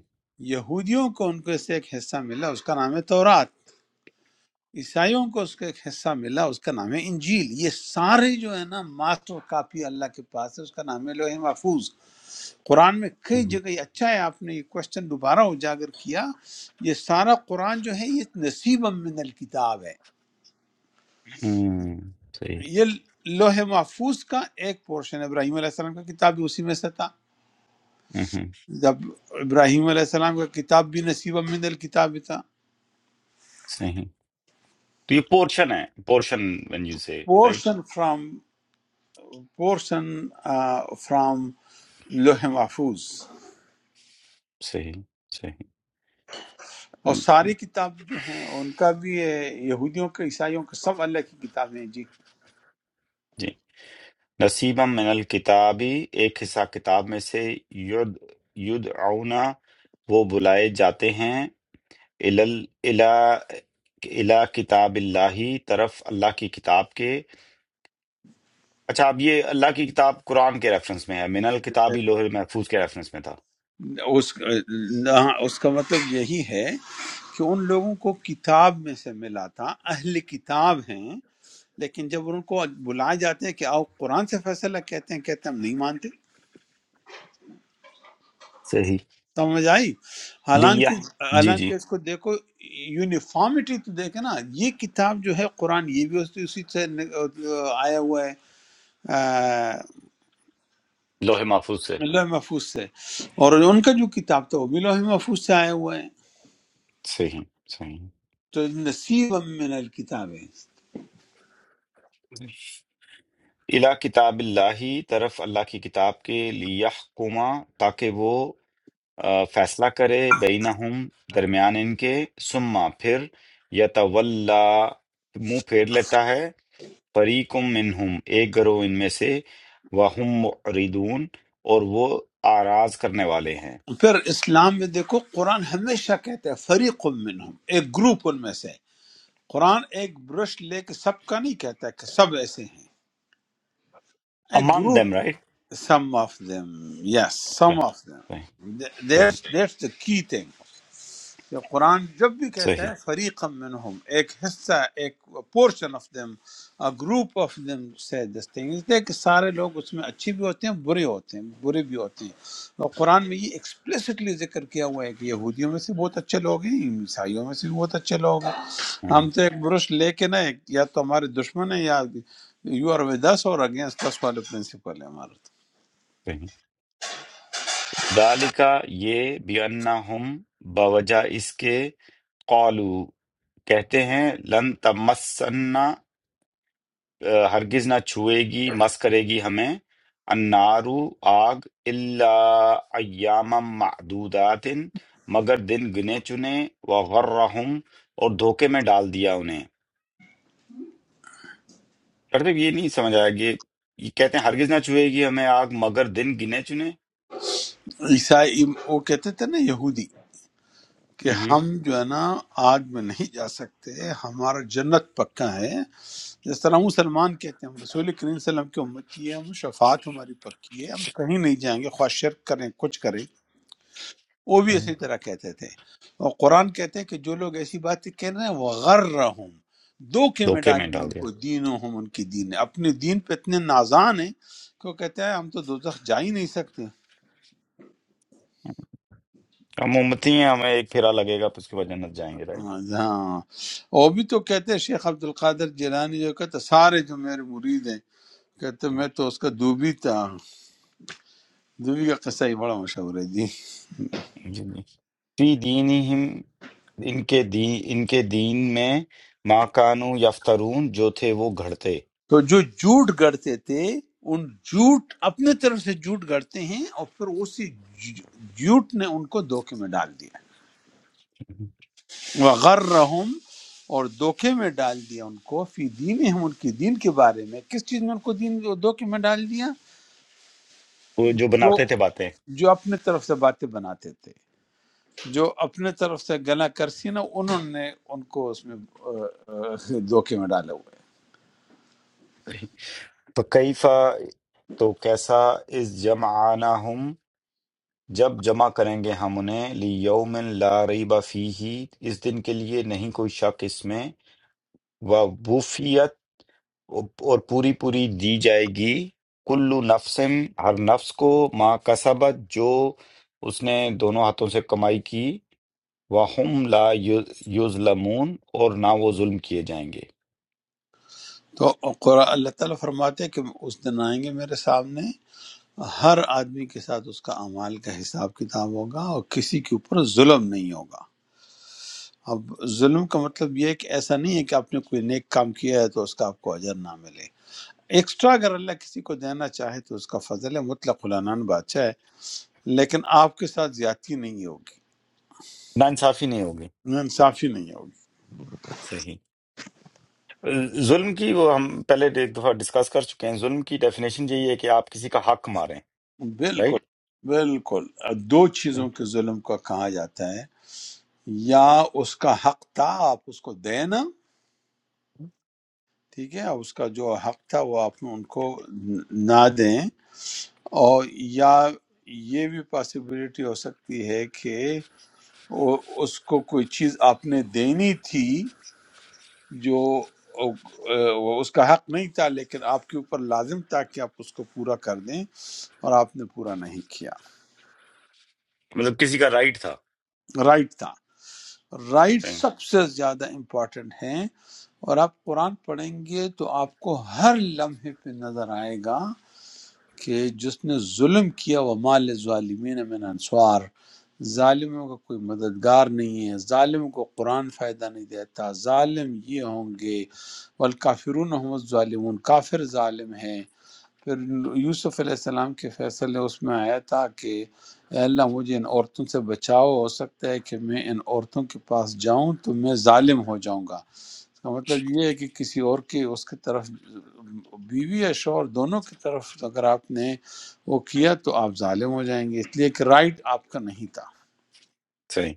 یہودیوں کو ان کو سے ایک حصہ ملا اس کا نام ہے تورات عیسائیوں کو اس کا ایک حصہ ملا اس کا نام ہے انجیل یہ سارے جو ہے نا ماسٹر کاپی اللہ کے پاس ہے اس کا نام ہے لوح محفوظ قرآن میں کئی ہم، جگہ یہ اچھا ہے آپ نے یہ کوشچن دوبارہ اجاگر کیا یہ سارا قرآن جو ہے یہ نصیب من الکتاب ہے صحیح یہ لوح محفوظ کا ایک پورشن ہے۔ ابراہیم علیہ السلام کا کتاب بھی اسی میں سے تھا ہم، جب ابراہیم علیہ السلام کا کتاب بھی نصیب من الکتاب بھی تھا صحیح تو یہ پورشن ہے portion when you say right portion from portion from لوح محفوظ صحیح صحیح اور ہم، ساری کتاب جو ہیں ان کا بھی یہ یہودیوں کے عیسائیوں کے سب اللہ کی کتابیں ہیں جی جی نصیبا من الکتابی ایک حصہ کتاب میں سے ید یدعونا وہ بلائے جاتے ہیں الل الی الی کتاب اللہ طرف اللہ کی کتاب کے اچھا اب یہ اللہ کی کتاب قرآن کے ریفرنس میں ہے من الکتاب ہی لوح محفوظ کے ریفرنس میں تھا اس نہ اس کا مطلب یہی ہے کہ ان لوگوں کو کتاب میں سے ملا تھا اہل کتاب ہیں لیکن جب ان کو بلائے جاتے ہیں کہ آؤ قرآن سے فیصلہ کہتے ہیں کہتے ہیں ہم نہیں مانتے صحیح سمجھ آئی لیہ حالانکہ جی جی حالانکہ اس کو دیکھو یونیفارمٹی تو دیکھے نا یہ کتاب جو ہے قرآن یہ بھی اس- اسی سے آیا ہوا ہے آ، لوح محفوظ سے لوح محفوظ سے اور ان کا جو کتاب تھا وہ بھی لوح محفوظ سے آیا ہوا ہے صحیح صحیح تو نصیب من الکتاب ہے الا کتاب اللہ طرف اللہ کی کتاب کے لیحکما تاکہ وہ آ، فیصلہ کرے بینہم درمیان ان کے ثم پھر یتولا منہ پھیر لیتا ہے فریقم منہم ایک گروہ ان میں سے وہم معرضون اور وہ آراز کرنے والے ہیں پھر اسلام میں دیکھو قرآن ہمیشہ کہتا ہے فریق منہم ایک گروپ ان میں سے قرآن ایک برش لے کے سب کا نہیں کہتا کہ سب ایسے ہیں ایک among them group right some of them yes some of صحیح them صحیح that's that's the key thing کہ قرآن جب بھی کہتا صحیح ہے فریق منہم ایک حصہ ایک portion of them group of them سے دس things ہے کہ سارے لوگ اس میں اچھے بھی ہوتے ہیں برے ہوتے ہیں برے بھی ہوتے ہیں اور قرآن میں یہ ایکسپلیسٹلی ذکر کیا ہوا ہے کہ یہودیوں میں سے بہت اچھے لوگ ہیں عیسائیوں میں سے بھی بہت اچھے لوگ ہیں ہاں، ہم تو ایک برش لے کے نہ ایک- یا تو ہمارے دشمن ہیں یا یو آر ود اس اور اگینسٹ اس والے پرنسپل ہے ہمارا صحیح۔ ذالکا یہ بیانہم بوجہ اس کے قالو کہتے ہیں لن تمسنا اہ، ہرگز نہ چھوئے گی مس کرے گی ہمیں النارو آگ الا ایام معدودات مگر دن گنے چنے وغرہم اور دھوکے میں ڈال دیا انہیں مطلب یہ نہیں سمجھ آیا کہ یہ کہتے ہیں ہرگز نہ چھوئے گی ہمیں آگ مگر دن گنے چنے عیسائی وہ کہتے تھے نا یہودی کہ ہم ہوں، جو ہے نا آگ میں نہیں جا سکتے ہمارا جنت پکا ہے جس طرح ہم مسلمان کہتے ہیں ہم رسول کریم صلی اللہ علیہ وسلم کی امتی ہے ہم شفاعت ہماری پکی ہے ہم کہیں نہیں جائیں گے خواہ شرک کریں کچھ کریں وہ بھی اسی طرح کہتے تھے اور قرآن کہتے ہیں کہ جو لوگ ایسی باتیں کہہ رہے ہیں وہ غر رہوں دھوکے میں دھوکے ڈال میں دیا ڈال ان کو دیا دینوں ہم ان کی دین نے اپنے دین پہ اتنے نازان ہیں کہ وہ کہتے ہیں ہم تو دوزخ جا ہی نہیں سکتے ہم امتی ہیں ہمیں ایک پھیرا لگے گا پھر اس کے بعد جنت جائیں گے رائٹ ہاں ہاں۔ وہ بھی تو کہتے ہیں شیخ عبد القادر جیلانی جو کہتے ہیں، سارے جو میرے مرید ہیں کہتے ہیں، میں تو اس کا دوبی تھا دوبی کا قصہ ہی بڑا مشہور ہے جی جی جی فی دینہم ان کے دین ان کے دین میں ما کانو یفترون جو تھے وہ گھڑتے تو جو جھوٹ گڑتے تھے ان جھوٹ اپنے طرف سے جھوٹ گڑتے ہیں اور پھر اسی جھ- جھوٹ نے ان کو دھوکے میں ڈال دیا وغرہم اور دھوکے میں ڈال دیا ان کو فی دین ہم ان کی دین کے بارے میں کس چیز میں ان کو دین دھوکے میں ڈال دیا وہ جو جو بناتے تھے باتیں جو اپنے طرف سے باتیں بناتے تھے جو اپنے طرف سے گلا کرسی نا انہوں نے ان کو اس میں آ، آ، دھوکے میں ڈالے ہوئے ہیں۔ فکیفا تو کیسا اس جمعناہم جب جمع کریں گے ہم انہیں لیوم لا ریب فیہ اس دن کے لیے نہیں کوئی شک اس میں و اور پوری پوری دی جائے گی کلو نفسم ہر نفس کو ما کسبت جو اس نے دونوں ہاتھوں سے کمائی کی وَهُمْ لا یظلمون اور نہ وہ ظلم کیے جائیں گے تو قرآن اللہ تعالیٰ فرماتے ہیں کہ اس دن آئیں گے میرے سامنے ہر آدمی کے ساتھ اس کا اعمال کا حساب کتاب ہوگا اور کسی کے اوپر ظلم نہیں ہوگا اب ظلم کا مطلب یہ ہے کہ ایسا نہیں ہے کہ آپ نے کوئی نیک کام کیا ہے تو اس کا آپ کو اجر نہ ملے ایکسٹرا اگر اللہ کسی کو دینا چاہے تو اس کا فضل ہے مطلق العنان بادشاہ ہے لیکن آپ کے ساتھ زیادتی نہیں ہوگی نا انصافی نہیں ہوگی انصافی نہیں ہوگی۔ صحیح ظلم کی وہ ہم پہلے ایک دفعہ ڈسکس کر چکے ہیں ظلم کی ڈیفینیشن یہی ہے کہ آپ کسی کا حق ماریں بالکل رائٹ بالکل دو چیزوں کے ظلم کو کہا جاتا ہے یا اس کا حق تھا آپ اس کو دیں نا ٹھیک ہے اس کا جو حق تھا وہ آپ ان کو نہ دیں اور یا یہ بھی پاسبلٹی ہو سکتی ہے کہ وہ- اس کو کوئی چیز آپ نے دینی تھی جو وہ اس کا حق نہیں تھا لیکن آپ کے اوپر لازم تھا کہ آپ اس کو پورا کر دیں اور آپ نے پورا نہیں کیا مطلب کسی کا رائٹ تھا رائٹ تھا رائٹ صحیح سب سے زیادہ امپورٹنٹ ہیں اور آپ قرآن پڑھیں گے تو آپ کو ہر لمحے پہ نظر آئے گا کہ جس نے ظلم کیا وہ مال ظالمین من انصار ظالموں کا کوئی مددگار نہیں ہے ظالم کو قرآن فائدہ نہیں دیتا ظالم یہ ہوں گے والکافرون هم الظالمون کافر ظالم ہیں پھر یوسف علیہ السلام کے فیصلے اس میں آیا تھا کہ اے اللہ مجھے ان عورتوں سے بچاؤ ہو سکتا ہے کہ میں ان عورتوں کے پاس جاؤں تو میں ظالم ہو جاؤں گا اس کا مطلب یہ ہے کہ کسی اور کی اس کی طرف بیوی یا شوہر دونوں کی طرف اگر آپ نے وہ کیا تو آپ ظالم ہو جائیں گے اس لیے کہ رائٹ آپ کا نہیں تھا صحیح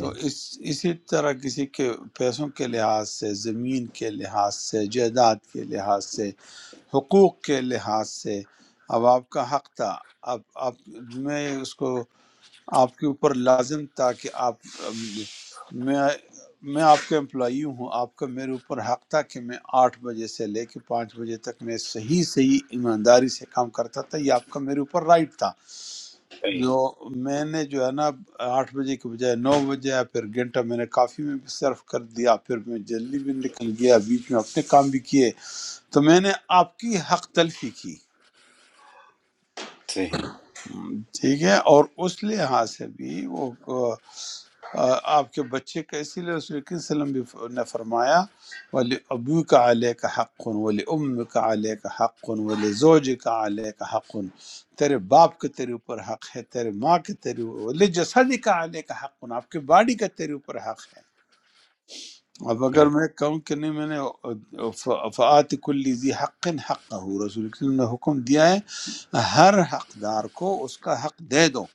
تو اس اسی طرح کسی کے پیسوں کے لحاظ سے زمین کے لحاظ سے جائیداد کے لحاظ سے حقوق کے لحاظ سے اب آپ کا حق تھا اب آپ میں اس کو آپ کے اوپر لازم تھا کہ آپ میں میں آپ کا امپلائی ہوں آپ کا میرے اوپر حق تھا کہ میں آٹھ بجے سے لے کے پانچ بجے تک میں صحیح صحیح ایمانداری سے کام کرتا تھا یہ آپ کا میرے اوپر رائٹ تھا صحیح جو میں نے جو ہے نا آٹھ بجے کے بجائے نو بجے آیا، پھر گھنٹہ میں نے کافی میں بھی صرف کر دیا پھر میں جلدی بھی نکل گیا بیچ میں اپنے کام بھی کیے تو میں نے آپ کی حق تلفی کی صحیح ہم، ٹھیک ہے اور اس لحاظ سے بھی وہ آ، آ، آپ کے بچے کا اسی لیے رسول اکرم صلی اللہ علیہ وسلم نے فرمایا ولی ابو کا علیہ کا حق ولی ام کا علیہ کا حق ولی زوج کا علیہ کا حق تیرے باپ کا تیرے اوپر حق ہے تیرے ماں کے تیرے ولی جسدی کا علیہ کا حق آپ کے باڈی کا تیرے اوپر حق اب اگر right. میں کہوں کہ نہیں میں نے فعات کلی ذی حق حق ہو رسول کریم نے حکم دیا ہے ہر حقدار کو اس کا حق دے دو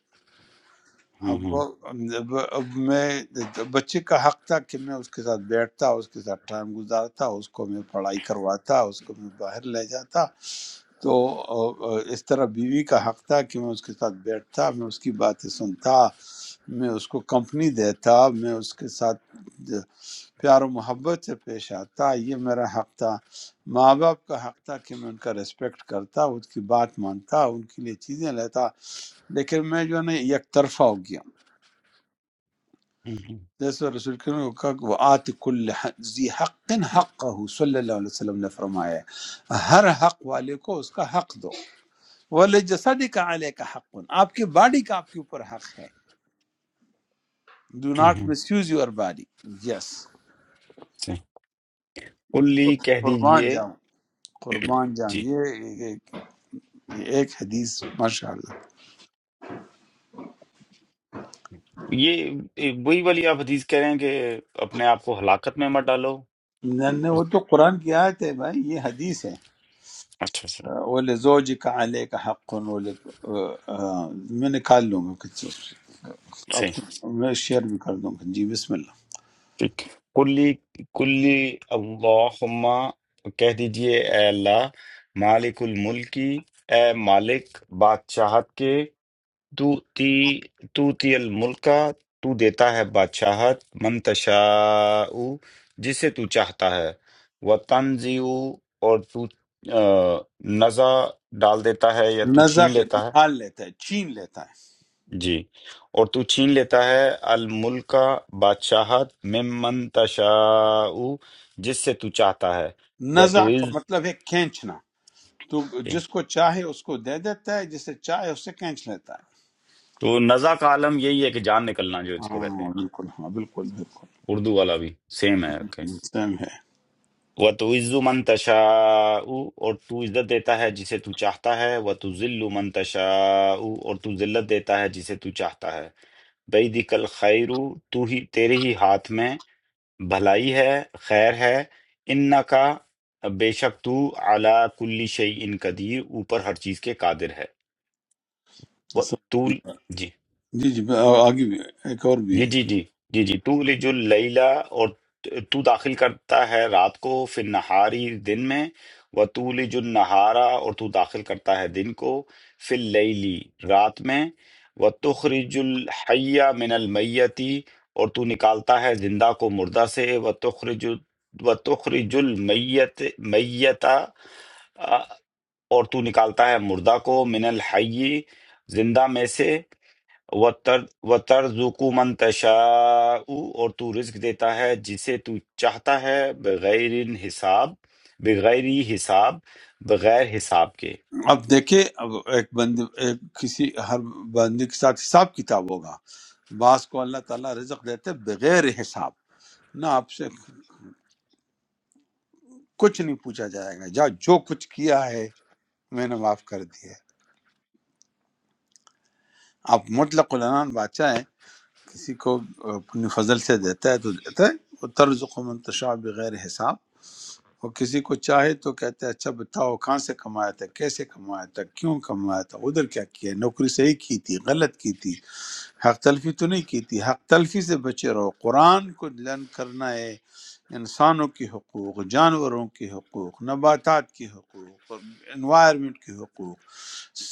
ہوں اب ہوں وہ- اب اب میں بچے کا حق تھا کہ میں اس کے ساتھ بیٹھتا اس کے ساتھ ٹائم گزارتا اس کو میں پڑھائی کرواتا اس کو میں باہر لے جاتا تو اس طرح بیوی کا حق تھا کہ میں اس کے ساتھ بیٹھتا میں اس کی باتیں سنتا میں اس کو کمپنی دیتا میں اس کے ساتھ پیار و محبت سے پیش آتا یہ میرا حق تھا ماں باپ کا حق تھا کہ میں ان کا ریسپیکٹ کرتا ان کی بات مانتا ان کے لیے چیزیں لیتا لیکن میں جو ہے نا یک طرفہ ہو گیا ہوں ہوں جیسے رسول کریم کو کہا کہ وہ آت کل حق- ذی حق حق صلی اللہ علیہ وسلم نے فرمایا ہے ہر حق والے کو اس کا حق دو ولی جسدی کا علیہ کا حق آپ کی باڈی کا آپ کے اوپر حق ہے ڈو ہوں ناٹ ہوں، misuse your body yes صحیح کلی کہہ قربان دیجئے جاؤں قربان جاؤں جی یہ یہ ایک حدیث ماشاء اللہ یہ ایک وہی والی آپ حدیث کہہ رہے ہیں کہ اپنے آپ کو ہلاکت میں مت ڈالو نہ نہ، اور- وہ تو قرآن کی آیت ہے بھائی یہ حدیث ہے اچھا اچھا وَلِزَوْجِكَ عَلَيْكَ حَقٌّ وَلِكَ آ، آ، میں نکال لوں گا کچھ اس سے۔ آپ صحیح کو میں شیئر بھی کر دوں گا جی بسم اللہ ٹھیک کلی کلی اللہم کہہ دیجئے اے اللہ مالک الملکی اے مالک بادشاہت کے توتی توتی الملکہ تو دیتا ہے بادشاہت من تشاء جسے تو چاہتا ہے وتنزع اور تو آ، نزع ڈال دیتا ہے یا تو نزع چھین کا لیتا ہے نکال لیتا ہے چھین لیتا جی اور تو چھین لیتا ہے الملکہ بادشاہت ممن تشاء جس سے تو چاہتا ہے ہے وہ نزع تو کا عز، مطلب ہے کھینچنا تو جس کو چاہے اس کو دے دیتا ہے جسے چاہے اس سے کھینچ لیتا تو نزع کا عالم یہی ہے کہ جان نکلنا جو اس ہے کو کہتے ہاں ہیں بالکل ہاں بالکل بالکل اردو والا بھی سیم ہے اوکے سیم ہے وہ تو عزو من تشاء اور تو عزت دیتا ہے جسے تو چاہتا ہے وہ تو ذل من تشاء اور تو ذلت دیتا ہے جسے تو چاہتا ہے بعیدک الخیر تو ہی تیرے ہی ہاتھ میں بھلائی ہے خیر ہے انکا بے شک تو علی کل شیء قدیر اوپر ہر چیز کے قادر ہے وہ تو جی جی جی آ، آگے بھی ایک اور بھی جی ہے جی جی جی جی تو لج اللیلہ اور تو داخل کرتا ہے رات کو فی النہاری دن میں و تو لج النہارا اور تو داخل کرتا ہے دن کو فی اللیلی رات میں و تخرج الحی من المیتی اور تو نکالتا ہے زندہ کو مردہ سے و تخرج و تخرج المیت میتا اور تو نکالتا ہے مردہ کو من الحی زندہ میں سے وَتَرْزُقُ مَن تَشَاءُ اور تو رزق دیتا ہے جسے تو چاہتا ہے بغیر حساب بغیر ہی حساب بغیر حساب کے اب دیکھیں اب ایک بندے ایک کسی ہر بندے کے ساتھ حساب کتاب ہوگا بعض کو اللہ تعالیٰ رزق دیتے بغیر حساب نہ آپ سے کچھ نہیں پوچھا جائے گا جا جو کچھ کیا ہے میں نے معاف کر دیا ہے آپ مطلق العنان بادشاہ ہیں کسی کو اپنے فضل سے دیتا ہے تو دیتا ہے وہ طرز و منتشا بغیر حساب اور کسی کو چاہے تو کہتے ہیں اچھا بتاؤ کہاں سے کمایا تھا کیسے کمایا تھا کیوں کمایا تھا ادھر کیا کیا نوکری صحیح کی تھی غلط کی تھی حق تلفی تو نہیں کی تھی حق تلفی سے بچے رہو قرآن کو لرن کرنا ہے انسانوں کے حقوق جانوروں کے حقوق نباتات کے حقوق اور انوائرمنٹ کے حقوق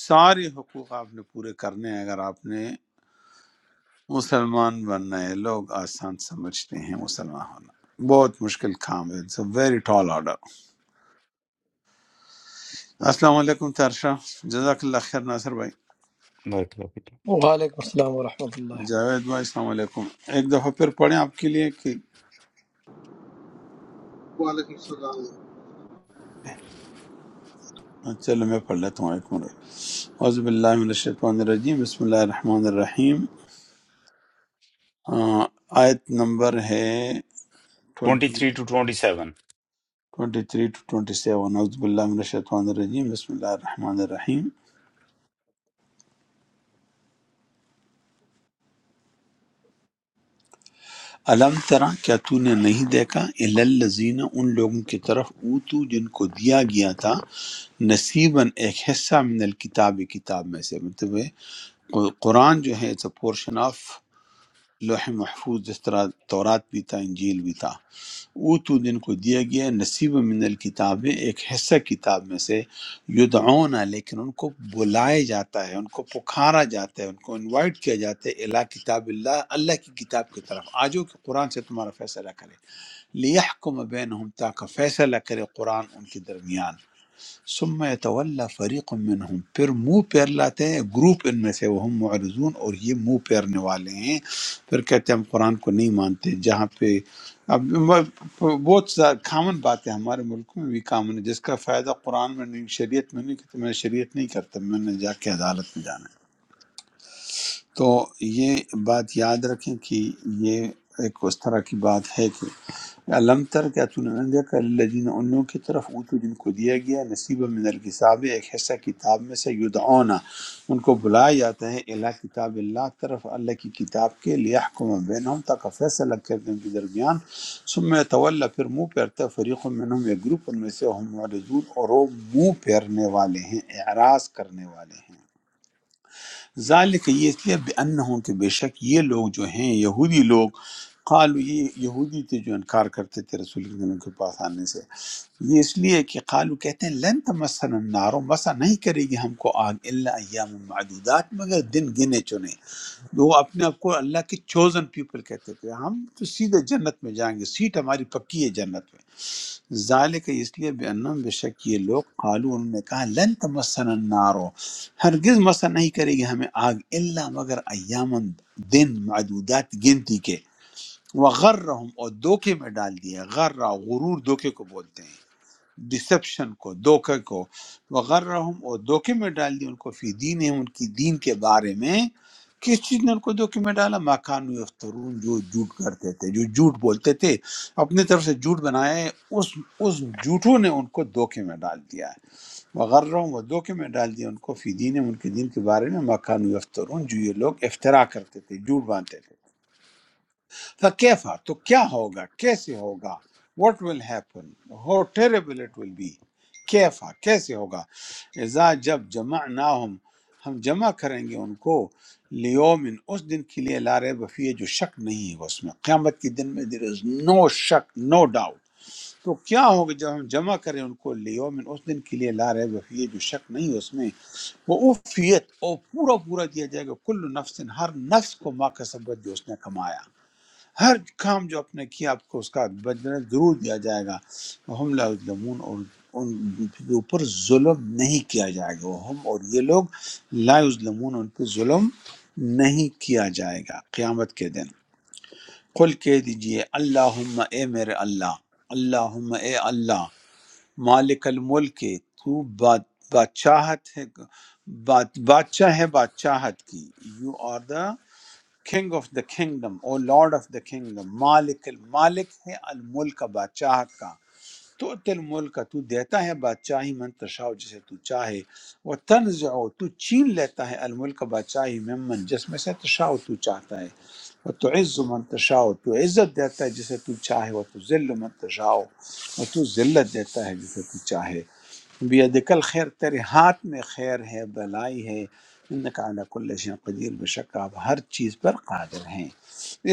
سارے حقوق آپ نے پورے کرنے ہیں اگر آپ نے مسلمان بننا ہے لوگ آسان سمجھتے ہیں مسلمان ہونا بہت مشکل کام ہے it's a very tall order السلام علیکم ترشا جزاک اللہ خیر ناصر بھائی 23 وعليكم السلام ورحمة الله جاوید بھائی السلام علیکم ایک دفعہ پھر پڑھیں آپ کے لیے کہ وعلیکم السلام ہاں، چلو میں پڑھ لیتا ہوں ایک منٹ حوض باللہ من الشیطان الرجیم بسم اللہ الرحمن الرحیم آ، آیت نمبر ہے 20 ٹو 27 23 ٹو 27 اعوذ باللہ من الشیطان الرجیم بسم اللہ الرحمن الرحیم علم ترا کیا تو نے نہیں دیکھا الی الذین ان لوگوں کی طرف اوتو جن کو دیا گیا تھا نصیباً ایک حصہ من الکتاب کتاب میں سے مطلب ہے قرآن جو ہے اٹس اے پورشن آف لوح محفوظ جس طرح تورات بھی تھا انجیل بھی تھا اوتو جن کو دیا گیا ہے نصیب من الکتاب میں ایک حصہ کتاب میں سے یدعون لیکن ان کو بلائے جاتا ہے ان کو پکارا جاتا ہے ان کو انوائٹ کیا جاتا ہے الہ کتاب اللہ اللہ کی کتاب کی طرف آجو کہ قرآن سے تمہارا فیصلہ کرے لیحکم بینہم تاکہ فیصلہ کرے قرآن ان کے درمیان ثم یتولی فریق منهم پھر منہ پھیر لاتے ہیں گروپ ان میں سے وہ ہم معرضون اور یہ منہ پھیرنے والے ہیں پھر کہتے ہیں ہم قرآن کو نہیں مانتے جہاں پہ اب م- بہت کامن بات ہے ہمارے ملک میں بھی کامن ہے جس کا فائدہ قرآن میں نہیں شریعت میں نہیں کہ میں شریعت نہیں کرتا میں نے جا کے عدالت میں جانا ہے تو یہ بات یاد رکھیں کہ یہ ایک اس طرح کی بات ہے کہ علم تر کیا تو نے نہ دیکھا الذین ان لوگوں کی طرف اوتو جن کو دیا گیا نصیب من الکتاب ایک حصہ کتاب میں سے یدعونا ان کو بلایا جاتا ہے الی کتاب اللہ طرف اللہ کی کتاب کے لیحکم بینہم تاکہ فیصلہ کر دیں ان کے درمیان ثم تولا پھر منہ پھیرتا ہے فریق منہم ایک گروپ ان میں سے ہم معرضون اور وہ منہ پھیرنے والے ہیں اعراض کرنے والے ہیں ذالک یہ اس لیے بأنہم کہ بے شک یہ لوگ جو ہیں یہودی لوگ قالو یہ یہودی تھے جو انکار کرتے تھے رسول کے ان کے پاس آنے سے یہ اس لیے کہ قالو کہتے ہیں لن تمسن النار مسا نہیں کرے گی ہم کو آگ الا ایام معدودات مگر دن گنے چنے وہ اپنے آپ کو اللہ کے چوزن پیپل کہتے تھے ہم تو سیدھے جنت میں جائیں گے سیٹ ہماری پکی ہے جنت میں ذالک اس لیے بے انم بے شک یہ لوگ قالو انہوں نے کہا لن تمسن النارو ہرگز مسا نہیں کرے گی ہمیں آگ الا مگر ایامن دن معدودات گنتی کے وغرہم اور دھوکے میں ڈال دیا غرہ غرور دھوکے کو بولتے ہیں ڈسپشن کو دھوکے کو وغرہم اور دھوکے میں ڈال دی ان کو فی دین ان کی دین کے بارے میں کس چیز نے ان کو دھوکے میں ڈالا مکان یفترون جو جھوٹ کرتے تھے جو جھوٹ بولتے تھے اپنی طرف سے جھوٹ بنائے اس اس جھوٹوں نے ان کو دھوکے میں ڈال دیا ہے وغرہم اور دھوکے میں ڈال دیا ان کو فی دین ان کے دین کے بارے میں مکان یفترون جو یہ لوگ افترا کرتے تھے جھوٹ باندھتے تھے فکیفا تو کیا ہوگا کیسے ہوگا what will happen how terrible it will be کیفا کیسے ہوگا اذا جب جمع نہ ہم ہم جمع کریں گے ان کو لیومن اس دن کے لیے لا ریب فیہ جو شک نہیں ہے اس میں قیامت کے دن میں دیر از نو شک نو ڈاؤٹ تو کیا ہوگا جب ہم جمع کریں ان کو لیومن اس دن کے لیے لا ریب فیہ جو شک نہیں ہے اس میں وہ اوفیت اور پورا پورا دیا جائے گا کل نفس ہر نفس کو ما کا جو اس نے کمایا ہر کام جو آپ نے کیا آپ کو اس کا بدلہ ضرور دیا جائے گا ہم لا یظلمون اور ان کے اوپر ظلم نہیں کیا جائے گا وہ ہم اور یہ لوگ لا یظلمون ان پہ ظلم نہیں کیا جائے گا قیامت کے دن قل کہہ دیجئے اللہم اے میرے اللہ اللہم اے اللہ مالک الملک تو باد بادشاہت ہے باد بادشاہ ہے بادشاہت کی you are the king of the kingdom O lord of the kingdom مالک المالک ہے الملک بادشاہت کا تو تل ملک تو دیتا ہے بادشاہی من تشاء جسے تو چاہے وہ تنزع تو چھین لیتا ہے الملک بادشاہی ممن جس میں سے تشاء تو چاہتا ہے وہ تو عز من تشاء تو عزت دیتا ہے جسے تو چاہے وہ تو ذل من تشاء وہ تو ذلت دیتا ہے جسے تو چاہے بیدک الخیر تیرے ہاتھ میں خیر ہے بلائی ہے انک علی کل شیء قدیر بے شک آپ ہر چیز پر قادر ہیں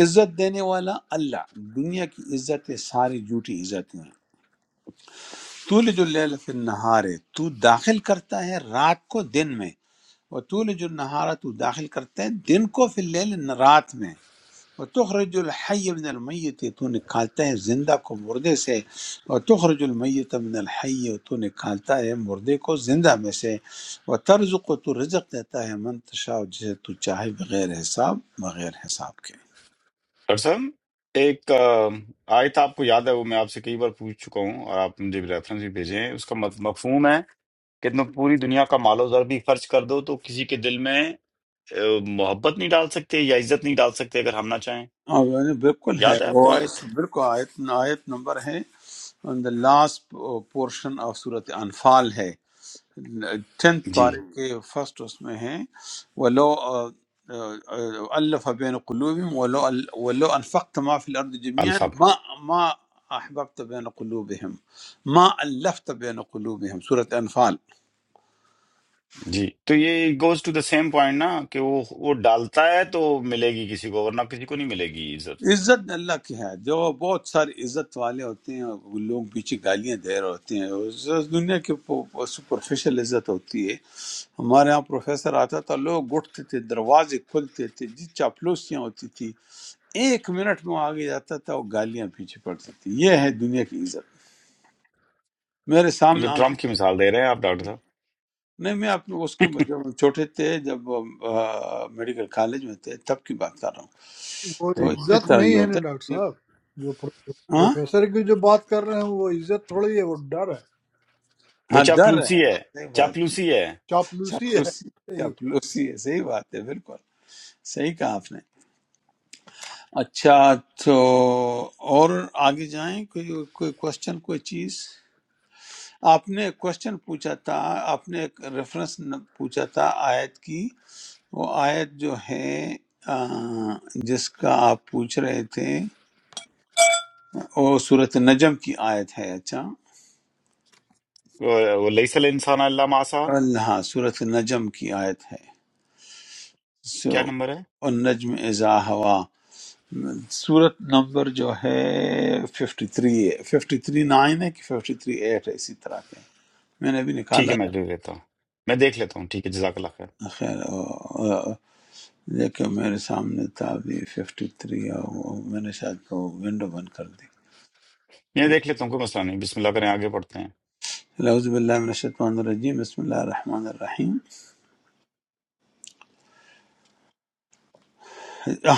عزت دینے والا اللہ دنیا کی عزت ہے ساری جھوٹی عزتیں طول جو لیل فی النہار ہے تو داخل کرتا ہے رات کو دن میں اور طول جو نہارا تو داخل کرتا ہے دن کو فی اللیل رات میں اور تخرج الحی من المیت تو نکالتا ہے زندہ کو مردے سے اور تخرج المیت من الحی تو نکالتا ہے مردے کو زندہ میں سے وہ طرز کو تو رزق دیتا ہے من تشاء جسے تو چاہے بغیر حساب بغیر حساب کے سر صاحب ایک آ، آیت آپ کو یاد ہے وہ میں آپ سے کئی بار پوچھ چکا ہوں اور آپ مجھے ریفرنس بھی بھیجے ہیں اس کا مف- مفہوم ہے کہ تم پوری دنیا کا مال و زر بھی خرچ کر دو تو کسی کے دل میں آ، محبت نہیں ڈال سکتے یا عزت نہیں ڈال سکتے اگر ہم نہ چاہیں اور وہ بالکل یاد ہے ہے آپ وہ کو آیت بالکل آیت, آیت نمبر ہے on the last portion of Surah Anfal ہے ٹینتھ جی پارے کے فرسٹ اس میں ہیں ولو آ، آ، آ، الف بین قلوبہم ولو ال- ولو انفقت ما فی الارض جميعا الفا میں ما ما احببت بین قلوبہم ما الفت بین قلوبہم سورۃ انفال جی تو یہ goes to the same point نا کہ وہ وہ ڈالتا ہے تو ملے گی کسی کو ورنہ کسی کو نہیں ملے گی عزت عزت اللہ کی ہے جو بہت سارے عزت والے ہوتے ہیں وہ لوگ پیچھے گالیاں دے رہے ہوتے ہیں اس دنیا کی سپرفیشل عزت ہوتی ہے ہمارے ہاں پروفیسر آتا تھا لوگ اٹھتے تھے دروازے کھلتے تھے جی چاپلوسیاں ہوتی تھی ایک منٹ میں وہ آگے جاتا تھا وہ گالیاں پیچھے پڑ سکتی یہ ہے دنیا کی عزت میرے یہ تو سامنے آنکھوں ٹرمپ کی مثال دے رہے ہیں آپ ڈاکٹر صاحب نہیں میں اپنے اس کے جب ہم چھوٹے تھے جب آ، میڈیکل کالج میں تھے تب کی بات کر رہا وہ ہوں تو صحیح۔ اسی عزت طرح یہ نہیں ہے نا ہوتا ڈاکٹر ہے صاحب جو پرو- ہاں پروفیسر کی جو بات کر رہے ہیں وہ عزت تھوڑی ہے وہ ڈر ہے وہ ہاں ڈر ہے چاپلوسی ہاں، ہے صحیح بات چاپلوسی ہے چاپلوسی چاپلوسی ہے چاپلوسی ہے صحیح بات ہے بالکل صحیح کہا آپ نے اچھا تو اور آگے جائیں کوئی کوئی کوشچن کوئی چیز آپ نے کوشچن پوچھا تھا آپ نے ایک ریفرنس پوچھا تھا آیت کی وہ آیت جو ہے آ، جس کا آپ پوچھ رہے تھے وہ صورت نجم کی آیت ہے اچھا وہ وہ لیس الانسان اللہ ماسا اللہ صورت نجم کی آیت ہے کیا سو نمبر ہے النجم اذا ہوا صورت نمبر جو ہے 53 ہے 53 9 ہے کہ 53 8 ہے اسی طرح کے ہیں۔ میں نے ابھی ٹھیک نکالا ہے میں دے تھا دیتا ہوں میں دیکھ لیتا ہوں ٹھیک ہے جزاک اللہ خیر خیر آ، آ، لیکن میرے سامنے تھا ابھی 53 اور وہ میں نے شاید وہ ونڈو بند کر دی میں دیکھ لیتا ہوں کوئی مسئلہ نہیں بسم اللہ کریں آگے پڑھتے ہیں نعوذ باللہ من الشیطان الرجیم بسم اللہ الرحمن الرحیم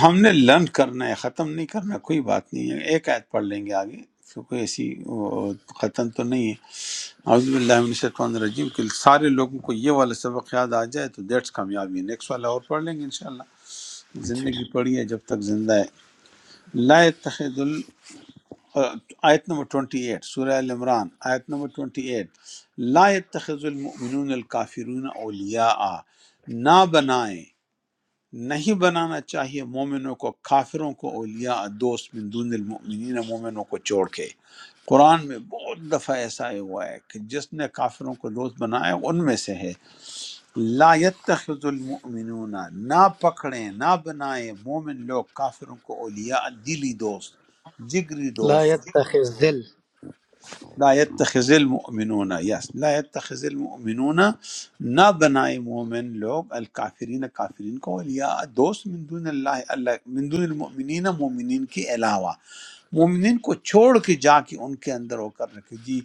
ہم نے لرن کرنا ہے ختم نہیں کرنا کوئی بات نہیں ہے ایک آیت پڑھ لیں گے آگے تو کوئی ایسی وہ، ختم تو نہیں ہے اعوذ باللہ من الشیطان الرجیم کہ سارے لوگوں کو یہ والا سبق یاد آ جائے تو دیٹس کامیابی ہے نیکسٹ والا اور پڑھ لیں گے انشاءاللہ چلو زندگی پڑھی ہے جب تک زندہ ہے لا یتخذ ال آیت نمبر 28 سورہ ال عمران آیت نمبر 28 لا يتخذ المؤمنون الكافرون اولیاء نہ بنائیں نہیں بنانا چاہیے مومنوں کو کافروں کو اولیاء دوست من دون المؤمنین مومنوں کو چھوڑ کے قرآن میں بہت دفعہ ایسا ہی ہوا ہے کہ جس نے کافروں کو دوست بنایا ان میں سے ہے لا يتخذ المؤمنون نہ پکڑیں نہ بنائیں مومن لوگ کافروں کو اولیاء دلی دوست جگری لا دوست يتخذ ذل لا يتخذ المؤمنون یس لا يتخذ المؤمنون نہ بنائے مومن لوگ الکافرین کافرین کو اولیاء دوست من دون اللہ اللہ من دون المؤمنین مومنین کے علاوہ مومنین کو چھوڑ کے جا کے ان کے اندر ہو کر رکھے جی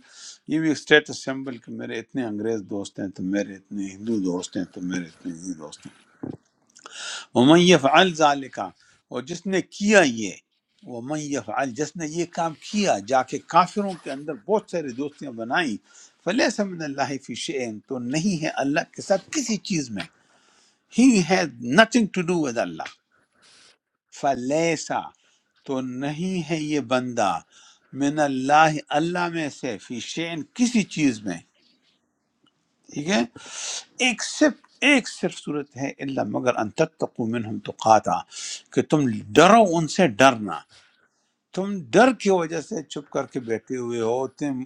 یہ بھی اسٹیٹس سمبل کہ میرے اتنے انگریز دوست ہیں تو میرے اتنے ہندو دوست ہیں تو میرے اتنے یہ دوست ہیں ومن یفعل ذلک اور جس نے کیا یہ ومن یفعل جس نے یہ کام کیا جا کے کافروں کے اندر بہت ساری دوستیاں بنائیں فلیس من اللہ فی شیئن تو نہیں ہے اللہ کے ساتھ کسی چیز میں ہی has nothing to do with اللہ فلیسا تو نہیں ہے یہ بندہ من اللہ اللہ میں سے فی شیئن کسی چیز میں ٹھیک ہے ایک صرف ایک صرف صورت ہے الا مگر ان تتقوا منهم تقاتا کہ تم ڈرو ان سے ڈرنا تم ڈر کی وجہ سے چپ کر کے بیٹھے ہوئے ہو تم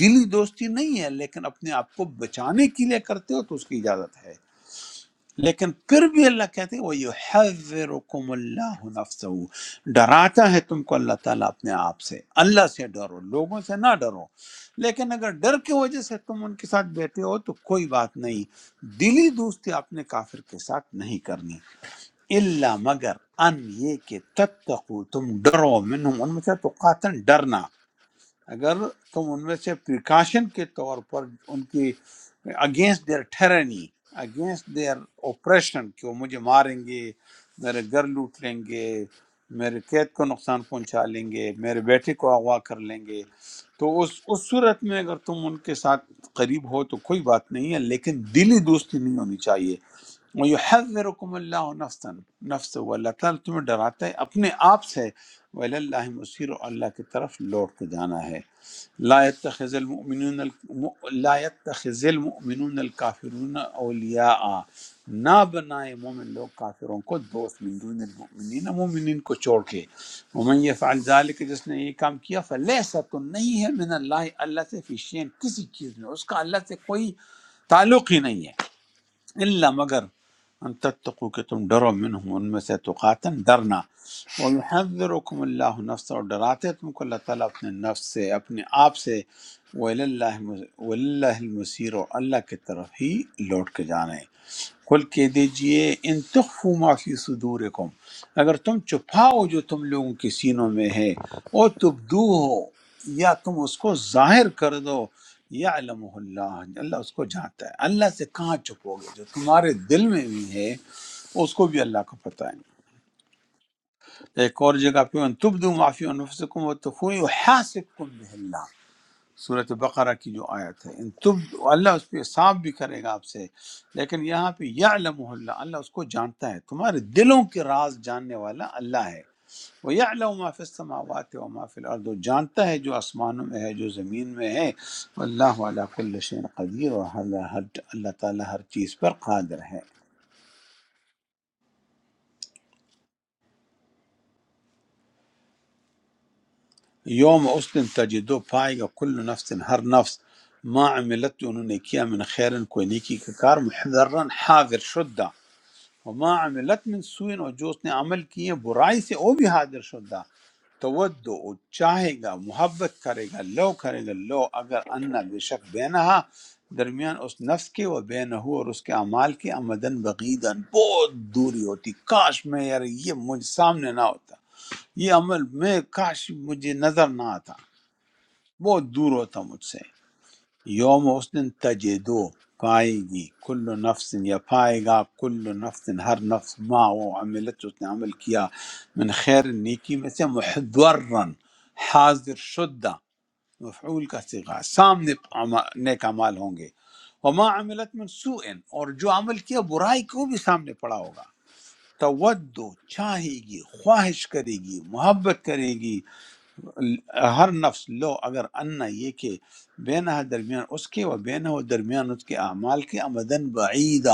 دلی دوستی نہیں ہے لیکن اپنے آپ کو بچانے کے لیے کرتے ہو تو اس کی اجازت ہے لیکن پھر بھی اللہ کہتے وہ یحذرکم اللہ نفسہ ڈراتا ہے تم کو اللہ تعالیٰ اپنے آپ سے اللہ سے ڈرو لوگوں سے نہ ڈرو لیکن اگر ڈر کی وجہ سے تم ان کے ساتھ بیٹھے ہو تو کوئی بات نہیں دلی دوستی آپ نے کافر کے ساتھ نہیں کرنی اللہ مگر ان یہ کہ تتقو تم ڈرو منہم ان میں سے تو قاتل ڈرنا اگر تم ان میں سے پریکاشن کے طور پر ان کی اگینسٹ دیئر ٹھہرنی اگینسٹ دیئر اوپریشن کہ وہ مجھے ماریں گے میرے گھر لوٹ لیں گے میرے قید کو نقصان پہنچا لیں گے میرے بیٹے کو اغوا کر لیں گے تو اس اس صورت میں اگر تم ان کے ساتھ قریب ہو تو کوئی بات نہیں ہے لیکن دلی دوستی نہیں ہونی چاہیے وَيُحَذِّرُكُمُ اللَّهُ نَفْسًا نفس وہ اللہ تعالیٰ تمہیں ڈراتا ہے اپنے آپ سے وَإِلَى اللَّهِ مصیر اللہ کی طرف لوٹ کے جانا ہے لا يتخذ المؤمنون الم- لا يتخذ المؤمنون الكافرون اولیاء نہ بنائے مومن لوگ کافروں کو دوست من دون المؤمنین مومنین کو چھوڑ کے ومن یفعل ذلک جس نے یہ کام کیا فلیس تو نہیں ہے من اللہ اللہ سے فی شین کسی چیز میں اس کا اللہ سے کوئی تعلق ہی نہیں ہے اللہ مگر ان تتقو کہ تم ڈرو منہم ان میں سے تقاتن ڈرنا وَيُحَذِّرُكُمُ اللَّهُ نَفْسَ اور ڈراتے تم کو اللہ تعالیٰ اپنے نفس سے اپنے آپ سے وَإِلَى اللَّهِ المص- وَإِلَى اللَّهِ الْمَصِيرُ اور اللہ کی طرف ہی لوٹ کے جانا ہے قل کہہ دیجئے ان تخفوا ما فی صدورکم اگر تم چھپاؤ جو تم لوگوں کے سینوں میں ہے او تبدو ہو یا تم اس کو ظاہر کر دو یا علم اللہ اللہ اس کو جانتا ہے اللہ سے کہاں چھپو گے جو تمہارے دل میں بھی ہے اس کو بھی اللہ کو پتہ ہے ایک اور جگہ پہ ان تبدو ما فی انفسکم و تخفوا یحاسبکم بہ اللہ صورت بقرہ کی جو آیت ہے ان تب اللہ اس پہ حساب بھی کرے گا آپ سے لیکن یہاں پہ یعلم اللہ اللہ اس کو جانتا ہے تمہارے دلوں کے راز جاننے والا اللہ ہے وہ یعلم ما فی السماوات و ما فی الارض وہ جانتا ہے جو آسمانوں میں ہے جو زمین میں ہے اللہ علی کل شین قدیر اور اللہ ہر اللہ تعالیٰ ہر چیز پر قادر ہے یوم اس دن تجدو پائے گا کل نفس ہر نفس ما عملت جو انہوں نے کیا من خیرن کوئی نیکی کا کار محضرن حاضر شدہ وما عملت من سوئن اور جو اس نے عمل کیے برائی سے وہ بھی حاضر شدہ تودو وہ چاہے گا محبت کرے گا لو کرے گا لو اگر انا بے شک بینہا درمیان اس نفس کے و بینہ اور اس کے اعمال کے امدن بغیدن بہت دوری ہوتی کاش میں یار یہ مجھ سامنے نہ ہوتا یہ عمل میں کاش مجھے نظر نہ آتا بہت دور ہوتا مجھ سے یوم اس دن تجدو پائے گی کل نفس یا پائے گا کل نفس ہر نفس ما وہ عملت جو اس نے عمل کیا من خیر نیکی میں سے محضرن حاضر شدہ مفعول کا صیغہ سامنے اما- نیک اعمال ہوں گے وما عملت من سوء اور جو عمل کیا برائی کو بھی سامنے پڑا ہوگا تودو چاہے گی خواہش کرے گی محبت کرے گی ہر نفس لو اگر انا یہ کہ بینہ درمیان اس کے و بینہ و درمیان اس کے اعمال کے امدن بعیدا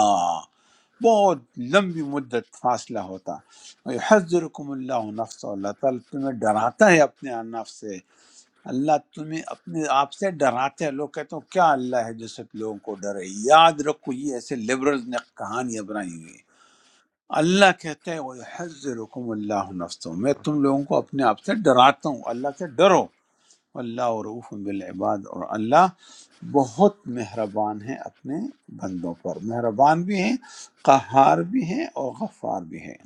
بہت لمبی مدت فاصلہ ہوتا حضرکم اللہ نفس اللہ تعالیٰ تمہیں ڈراتا ہے اپنے نفس سے اللہ تمہیں اپنے آپ سے ڈراتے ہیں لوگ کہتے ہو کیا اللہ ہے جو سب لوگوں کو ڈرے یاد رکھو یہ ایسے لبرلز نے کہانیاں بنائی ہوئی ہیں۔ اللہ کہتے ہیں وہ حضرکم اللہ نفس میں تم لوگوں کو اپنے آپ سے ڈراتا ہوں اللہ سے ڈرو اللہ عروف بالعباد اور اللہ بہت مہربان ہے اپنے بندوں پر مہربان بھی ہیں قہار بھی ہیں اور غفار بھی ہیں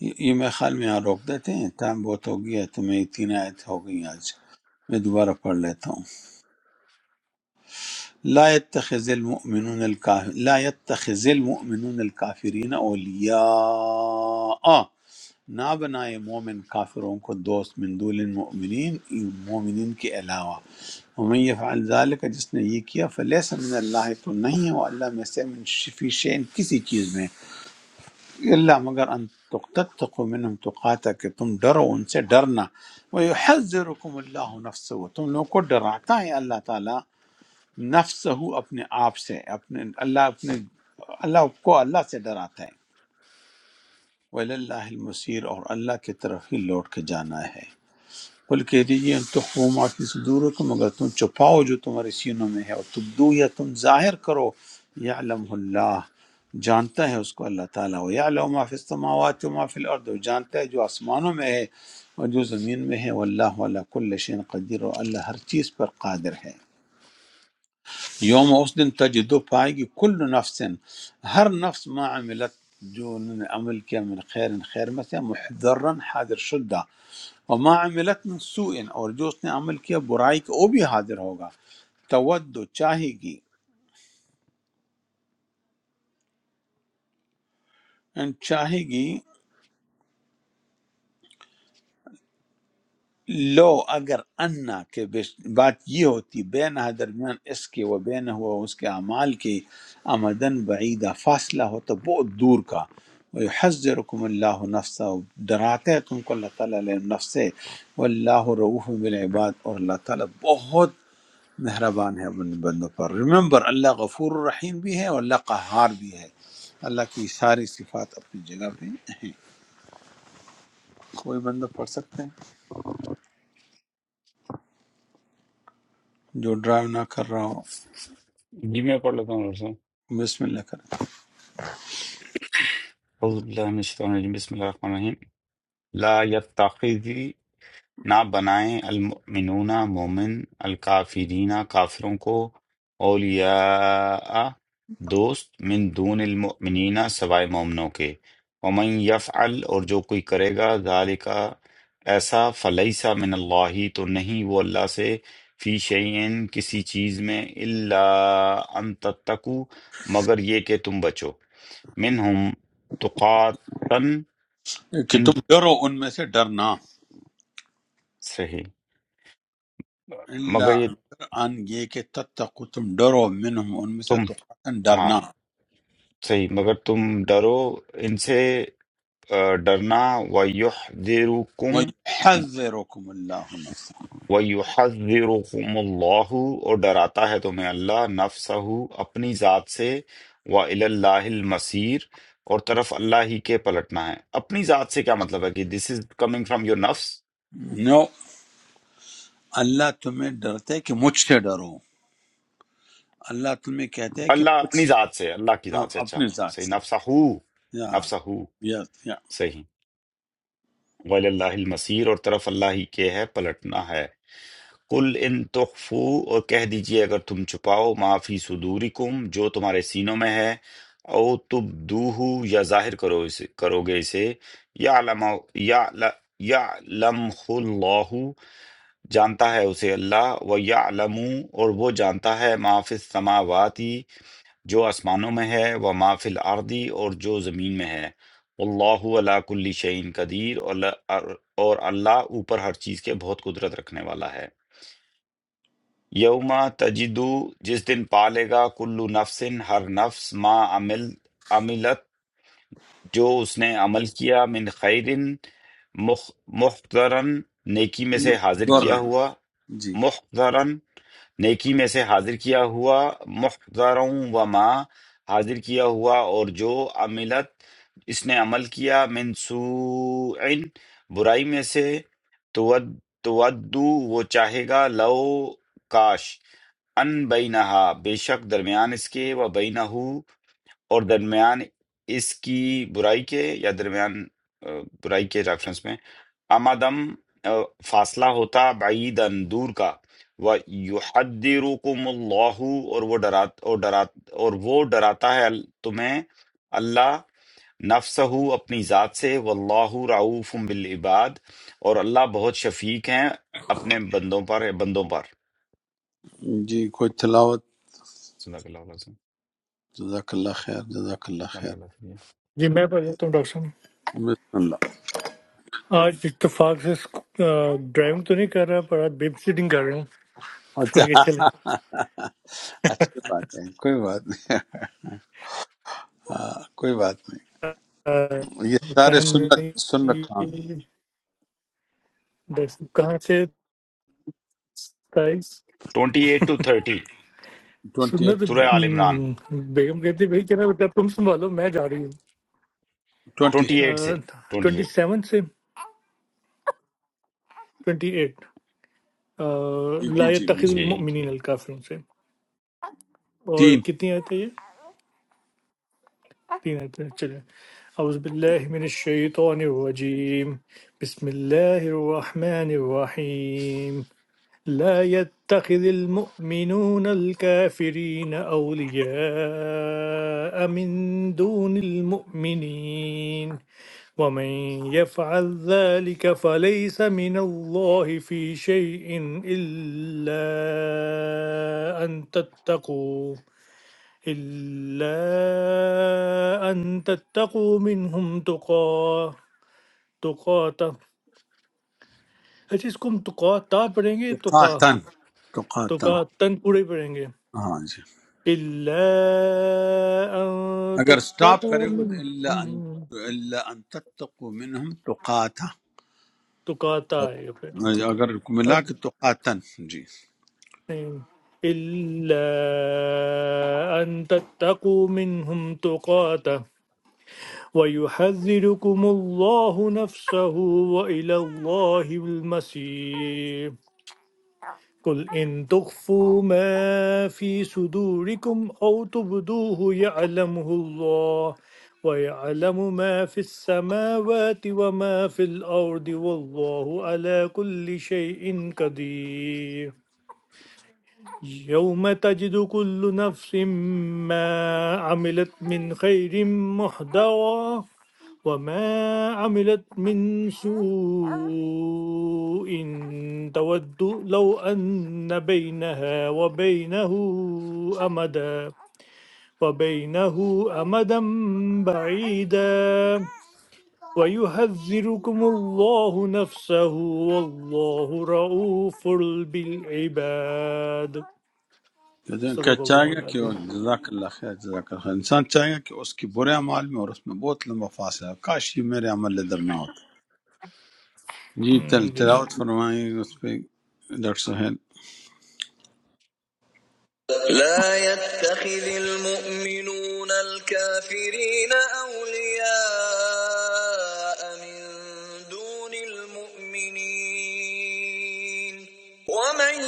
یہ یہ میرے خیال میں یہاں روک دیتے ہیں ٹائم بہت ہو گیا ہے، تو میں یہ تین آیت ہو گئی آج میں دوبارہ پڑھ لیتا ہوں لا يتخذ المؤمنون الكافر لا يتخذ المؤمنون الكافرین اولیاء نہ بنائے مومن کافروں کو دوست من دول المؤمنین مومنین کے علاوہ ومن یفعل ذالک جس نے یہ کیا فلیس من اللہ تو نہیں ہے وہ اللہ میں سے من شفی شین کسی چیز میں اللہ مگر ان تتقو منہم تقاتا کہ تم ڈرو ان سے ڈرنا ویحذرکم اللہ نفسه تم لوگوں کو ڈراتا ہے اللہ تعالی نفس ہو اپنے آپ سے اپنے اللہ اپنے اللہ کو اللہ سے ڈراتا ہے ولی اللہ المصیر اور اللہ کی طرف ہی لوٹ کے جانا ہے قل کہہ دیجیے ان تخفوا ما فی صدورکم اگر تم چھپاؤ جو تمہارے سینوں میں ہے اور تبدو یا تم ظاہر کرو یعلم اللہ جانتا ہے اس کو اللہ تعالیٰ وہ یعلم ما فی السماوات و ما فی الارض وہ جانتا ہے جو آسمانوں میں ہے اور جو زمین میں ہے واللہ علی کل شین قدیر اور اللہ ہر چیز پر قادر ہے یوم اس دن تجدو پائے گی کل نفس ہر نفس ما عملت جو انہوں نے عمل کیا من خیر خیر میں سے محضرن حاضر شدہ وما عملت من سوء اور جو اس نے عمل کیا برائی کا وہ بھی حاضر ہوگا تود چاہے گی ان چاہے گی لو اگر انا کہ بش- بات یہ ہوتی بین درمیان اس کے و بین ہوا اس کے اعمال کے آمدن بعیدہ فاصلہ ہوتا بہت دور کا حضرکم اللہ نفسا ڈراتے ہے تم کو اللہ تعالیٰ علیہ نفس سے واللہ رعوف بالعباد اور اللہ تعالیٰ بہت مہربان ہے اپنے بندوں پر ریممبر اللہ غفور الرحیم بھی ہے اور اللہ قہار بھی ہے اللہ کی ساری صفات اپنی جگہ پہ ہیں کوئی بندہ پڑھ سکتے ہیں جو ڈرائیو نہ کر رہا ہو جی میں پڑھ لیتا ہوں ڈاکٹر صاحب بسم اللہ کریں اعوذ باللہ من الشیطان الرجیم بسم اللہ الرحمن الرحیم لا یتخذ نہ بنائیں المؤمنون مومن الکافرین کافروں کو اولیاء دوست من دون المؤمنین سوائے مومنوں کے ومن یفعل اور جو کوئی کرے گا ذالکا ایسا فلیسا من اللہ تو نہیں وہ اللہ سے فی شیئن کسی چیز میں الا ان تتقو مگر یہ کہ تم بچو منہم تقاتن کہ ان تم ڈرو ان میں سے ڈرنا سے اللہ مگر یہ مگر ان یہ کہ تتقو تم ڈرو منہم ان میں سے تم تقوتاً ہاں ڈرنا صحیح مگر تم ڈرو ان سے آ، ڈرنا وَيُحْذِرُكُمْ وَيُحَذِّرُكُمُ اللَّهُ نَفْسَهُ وَيُحَذِّرُكُمُ اللَّهُ اور ڈراتا ہے تمہیں اللہ نفسہو اپنی ذات سے وَإِلَى اللَّهِ الْمَصِيرُ اور طرف اللہ ہی کے پلٹنا ہے اپنی ذات سے کیا مطلب ہے کہ this is coming from your نفس نو اللہ تمہیں ڈرتے ہے کہ مجھ سے ڈرو اللہ تمہیں کہتے ہے کہ اللہ مجھ اپنی ذات سے اللہ کی ذات سے اچھا اپنے ذات صحیح سے نفسہو یا نفسہو یا یا صحیح وَإِلَى اللَّهِ الْمَصِيرُ اور طرف اللہ ہی کے ہے پلٹنا ہے قل ان تخفو اور کہہ دیجئے اگر تم چھپاؤ ما فی صدورکم جو تمہارے سینوں میں ہے او تبدوہ یا ظاہر کرو اسے کرو گے اسے یعلم یعلم اللہ جانتا ہے اسے اللہ و یعلم اور وہ جانتا ہے ما فی السماواتی جو آسمانوں میں ہے و ما فی الارضی اور جو زمین میں ہے اللہ علا کل شعین قدیر اور اور اللہ اوپر ہر چیز کے بہت قدرت رکھنے والا ہے یوم تجدو جس دن پالے گا کلو نفس ہر نفس ما عمل عملت جو اس نے عمل کیا من خیرن مخ- محضرن نیکی میں سے حاضر ڈر کیا ہوا جی محضرن نیکی میں سے حاضر کیا ہوا محضروں و ما حاضر کیا ہوا اور جو عملت اس نے عمل کیا من سوء برائی میں سے تود تودو وہ چاہے گا لو کاش ان بینہا بے شک درمیان اس کے و بینہو اور درمیان اس کی برائی کے یا درمیان آ، برائی کے ریفرنس میں امدم آ، فاصلہ ہوتا بعیدن دور کا و یحذرکم اللہ اور وہ ڈرات اور ڈرات اور وہ ڈراتا ہے ال- تمہیں اللہ نفسہ اپنی ذات سے واللہ رعوف بالعباد اور اللہ بہت شفیق ہیں اپنے بندوں پر بندوں پر جی کوئی تلاوت صدق اللہ العظیم جزاک اللہ خیر جزاک اللہ بارک خیر اللہ فیک. जी मैं बढ़िया तुम डॉक्टर साहब بسم اللہ आज इत्तेफाक से ड्राइविंग तो नहीं कर रहा पर आज बेब सिटिंग कर रहा हूँ तो اچھا मैं कहा, चले اچھی بات ہے کوئی بات نہیں ہاں کوئی بات نہیں अ, یہ अच्छा, سارے سنت हमने سنت خان ये- डॉक्टर साहब कहाँ से ताइस twenty eight two thirty twenty सुनना ایٹ तो سورہ آل عمران हम्म, बेगम कहती भाई कह रहा बेटा तुम संभालो मैं जा रही ٹوینٹی ٹوئنٹی ایٹ سے हूँ ٹوئنٹی ट्वेंटी ایٹ सेवन से ट्वेंटी एट ایٹ ला جی جی میں اس तखिल جی میں جی मोमिन से और تین कितनी आयत है أعوذ بالله من الشيطان الرجيم بسم الله الرحمن الرحيم لا يتخذ المؤمنون الكافرين أولياء من دون المؤمنين ومن يفعل ذلك فليس من الله في شيء إلا أن تتقوا इल्ला अंतत्तकू मेंन्हम तुकात तुकात ऐसे कम तुकात आप रहेंगे تو तुका قاتن تو قاتن तुका तंपूरे पड़ेंगे ہاں جی इल्ला अन اگر سٹاپ तत्तकू کرے گا تو اللہ ان मेंन्हम اللہ ان تتقو منہم تو قاتا तुकात اگر ملا کے تو قاتن جی इल्ला अंतत्तकू मेंन्हम तुकात वायुहज़रकुम अल्लाह नफ्सहु वाईला अल्लाही वल मसीम قل إن تخفوا ما في صدوركم أو تبدوه يعلمه الله ويعلم ما في السماوات وما في الأرض والله على كل شيء قدير يوم تجد كل نفس ما عملت من خير محضرا وما عملت من سوء تود لو أن بينها وبينه أمدا وبينه أمدا بعيدا ويحذركم الله نفسه والله رؤوف بالعباد کہتے ہیں کہ چاہے सदाकल्लाहु گا کہ وہ अलअजीम। جزاک اللہ خیر جزاک اللہ خیر انسان چاہے گا کہ اس کے برے اعمال میں اور اس میں بہت لمبا فاصلہ ہے۔ کاش یہ میرے عمل ادھر نہ ہوتا جی تل हम्म, बेश- تلاوت فرمائیں اس پہ ڈاکٹر صاحب لا يتخذ المؤمنون الكافرين أولياء من دون المؤمنين ومن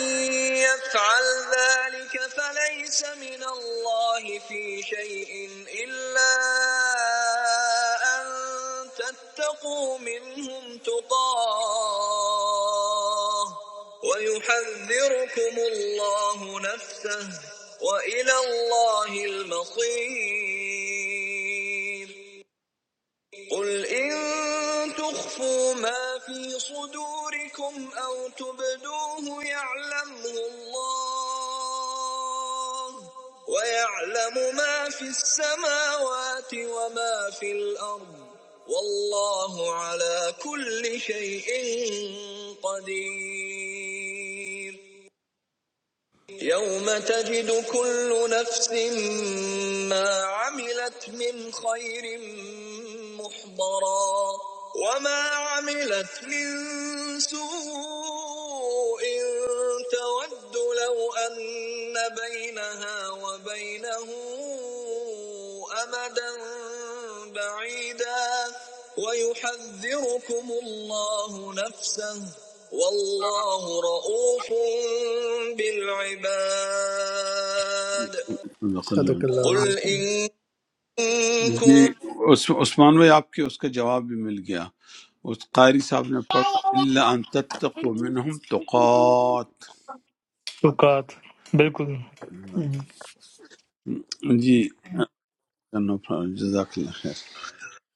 يفعل ذلك فليس من الله في شيء إلا أن تتقوا منهم تقاه ويحذركم الله نفسه وإلى الله المصير قل إن تخفوا ما في صدوركم أو تبدوه يعلمه الله ويعلم ما في السماوات وما في الأرض والله على كل شيء قدير يوم تجد كل نفس ما عملت من خير محضرا وما عملت من سوء تود لو أن بينها وبينه أمدا بعيدا بعيدا ويحذركم الله نفسه والله رؤوف بالعباد بقل صدق الله قل العظيم إن جی كنتم عث- عثمان بھائی آپ کے اس کا جواب بھی مل گیا اس قاری صاحب نے پڑھا اللہ ان تتقو منہم تقات शुकात बिल्कुल مم. جی no problem، جزاک اللہ خیر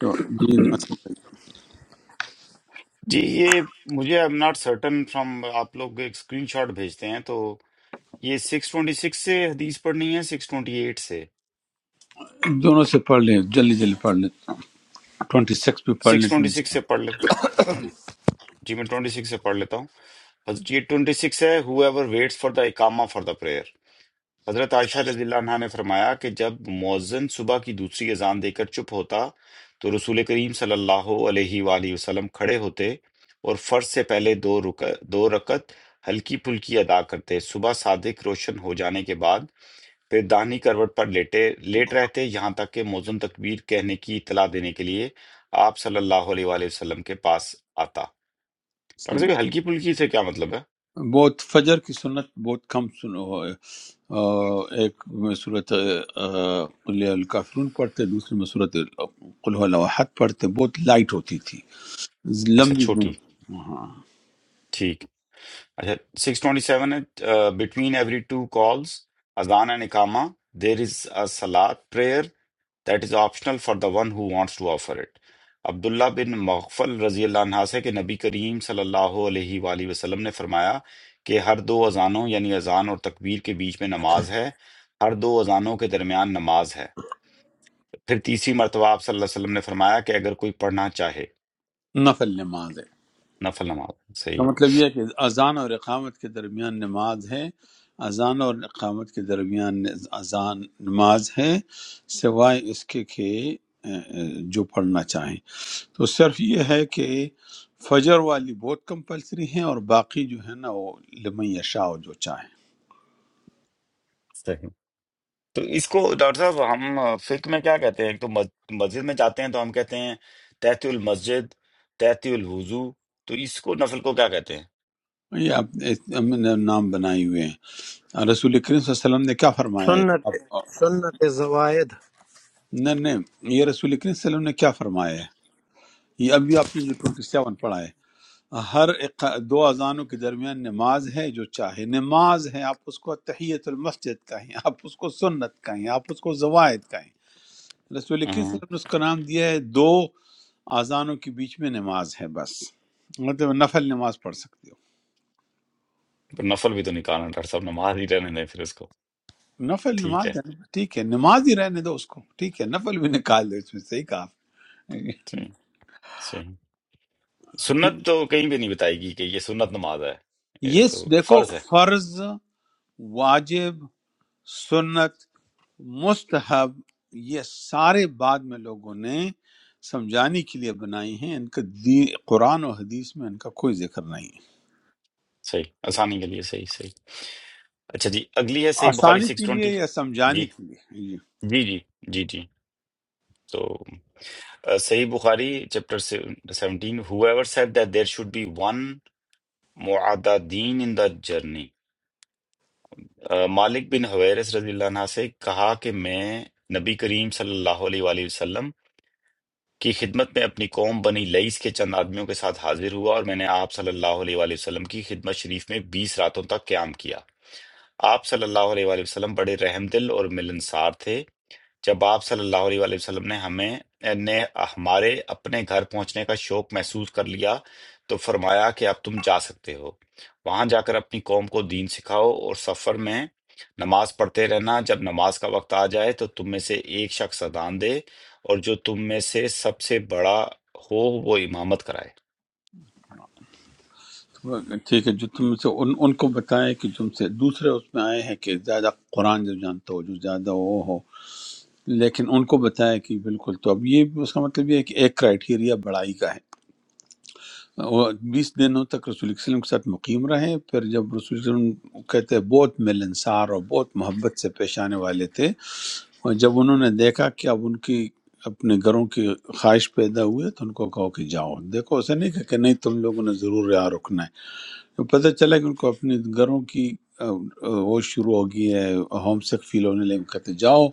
تو جی ناصر بھائی، جی یہ مجھے ایم ناٹ سرٹن فرام آپ لوگ ایک اسکرین شاٹ بھیجتے ہیں تو یہ سکس ٹوئنٹی سکس سے حدیث پڑھنی ہے سکس ٹوئنٹی ایٹ سے دونوں سے پڑھ لیں جلدی جلدی پڑھ لیں ٹوئنٹی سکس بھی پڑھ لیں سکس ٹوئنٹی سکس سے پڑھ لیں جی میں ٹوئنٹی سکس سے پڑھ لیتا ہوں بس یہ ٹوئنٹی سکس ہے whoever waits for the اکامہ فار دا پریئر حضرت عائشہ رضی اللہ عنہا نے فرمایا کہ جب مؤذن صبح کی دوسری اذان دے کر چپ ہوتا تو رسول کریم صلی اللہ علیہ وآلہ وسلم کھڑے ہوتے اور فرض سے پہلے دو رک دو رکعت ہلکی پھلکی ادا کرتے صبح صادق روشن ہو جانے کے بعد پھر داہنی کروٹ پر لیٹے لیٹ رہتے یہاں تک کہ مؤذن تکبیر کہنے کی اطلاع دینے کے لیے آپ صلی اللہ علیہ وآلہ وسلم کے پاس آتا ڈاکٹر 27 صاحب یہ ہلکی پھلکی سے کیا مطلب ہے بہت فجر کی سنت بہت کم سنو ہے آ، ایک میں صورت قلیہ الکافرون پڑھتے دوسری میں صورت قلح الاحد پڑھتے بہت لائٹ ہوتی تھی اچھا لمبی چھوٹی جمع- ہاں ٹھیک اچھا سکس ٹوئنٹی سیون ہے بٹوین ایوری ٹو کالز اذان اینڈ اقامہ دیر از اے سلاد prayer that is optional for the one who wants to offer it عبداللہ بن مغفل رضی اللہ عنہ سے کہ نبی کریم صلی اللہ علیہ وآلہ وسلم نے فرمایا کہ ہر دو اذانوں یعنی اذان اور تکبیر کے بیچ میں نماز ہے ہر دو اذانوں کے درمیان نماز ہے پھر تیسری مرتبہ آپ صلی اللہ علیہ وسلم نے فرمایا کہ اگر کوئی پڑھنا چاہے نفل نماز ہے نفل نماز کا صحیح ہے مطلب یہ ہے کہ اذان اور اقامت کے درمیان نماز ہے اذان اور اقامت کے درمیان اذان نماز ہے سوائے اس کے کہ اے، اے، جو پڑھنا چاہیں تو صرف یہ ہے کہ فجر والی بہت کمپلسری ہیں اور باقی جو ہے نا وہ لمن یشاء جو چاہیں صحیح۔ تو اس کو ڈاکٹر صاحب ہم آ، فقہ میں کیا کہتے ہیں ایک تو مس- مسجد میں جاتے ہیں تو ہم کہتے ہیں تحت المسجد تحت الوضو تو اس کو نفل کو کیا کہتے ہیں یہ آپ اس- ہم نے نام بنائے ہوئے ہیں رسول کریم صلی اللہ علیہ وسلم نے کیا فرمایا ہے سنة آپ- سنة الزوايد نہیں نہیں یہ رسول کریم صلی اللہ علیہ وسلم نے کیا فرمایا یہ ابھی آپ نے جو 27 پڑھا ہے ہر اق- دو اذانوں کے درمیان نماز ہے جو چاہے نماز ہے آپ اس کو تحیت المسجد کہیں آپ اس کو سنت کہیں آپ اس کو زوائد کہیں رسول اکرم صلی ہاں، اللہ علیہ وسلم نے اس کا نام دیا ہے دو اذانوں کے بیچ میں نماز ہے بس مطلب نفل نماز پڑھ سکتے ہو پر نفل بھی تو نکالنا ہے، ڈاکٹر صاحب نماز ہی رہنے دیں پھر اس کو نفل ٹھیک ہے نماز ہے نا، ٹھیک ہے نماز ہی رہنے دو اس کو ٹھیک ہے نفل بھی نکال دو اس میں صحیح کہا آپ نے۔ صحیح صحیح سنت تو کہیں بھی نہیں بتائے گی کہ یہ سنت نماز ہے یہ یہ تو دیکھو فرض ہے فرض واجب سنت مستحب یہ سارے بعد میں لوگوں نے سمجھانے کے لیے بنائی ہیں ان کا دی قرآن و حدیث میں ان کا کوئی ذکر نہیں ہے صحیح آسانی کے لیے صحیح صحیح اچھا جی اگلی ہے صحیح بخاری آسانی سکس کے ٹوینٹی لیے یا جی سمجھانے کے لیے جی جی جی جی جی تو Uh, Sahih Bukhari, chapter sev- 17, whoever said that there should be one mu'adadin in the journey. Uh, Malik bin Huwairis رضی اللہ عنہ سے کہا کہ میں نبی کریم صلی اللہ علیہ وآلہ وسلم کی خدمت میں اپنی قوم بنی لئیس کے چند آدمیوں کے ساتھ حاضر ہوا اور میں نے آپ صلی اللہ علیہ وآلہ وسلم کی خدمت شریف میں بیس راتوں تک قیام کیا آپ صلی اللہ علیہ وآلہ وسلم بڑے رحم دل اور ملنسار تھے جب آپ صلی اللہ علیہ وآلہ وسلم نے ہمیں نے ہمارے اپنے گھر پہنچنے کا شوق محسوس کر لیا تو فرمایا کہ اب تم جا سکتے ہو وہاں جا کر اپنی قوم کو دین سکھاؤ اور سفر میں نماز پڑھتے رہنا جب نماز کا وقت آ جائے تو تم میں سے ایک شخص اذان دے اور جو تم میں سے سب سے بڑا ہو وہ امامت کرائے تو ٹھیک ہے جو تم سے ان, ان کو بتائے کہ تم سے دوسرے اس میں آئے ہیں کہ زیادہ قرآن جو جانتا ہو جو زیادہ وہ ہو لیکن ان کو بتایا کہ بالکل تو اب یہ اس کا مطلب یہ ہے کہ ایک کرائٹیریا بڑائی کا ہے وہ بیس دنوں تک رسول اللہ صلی اللہ علیہ وسلم کے ساتھ مقیم رہے پھر جب رسول اللہ صلی اللہ علیہ وسلم کہتے ہیں بہت ملنسار اور بہت محبت سے پیش آنے والے تھے اور جب انہوں نے دیکھا کہ اب ان کی اپنے گھروں کی خواہش پیدا ہوئی تو ان کو کہو کہ جاؤ دیکھو اسے نہیں کہا کہ نہیں تم لوگوں نے ضرور یہاں رکنا ہے تو پتہ چلا کہ ان کو اپنے گھروں کی آ، آ، وہ شروع ہو گئی ہے ہوم سک فیل ہونے لگے کہتے جاؤ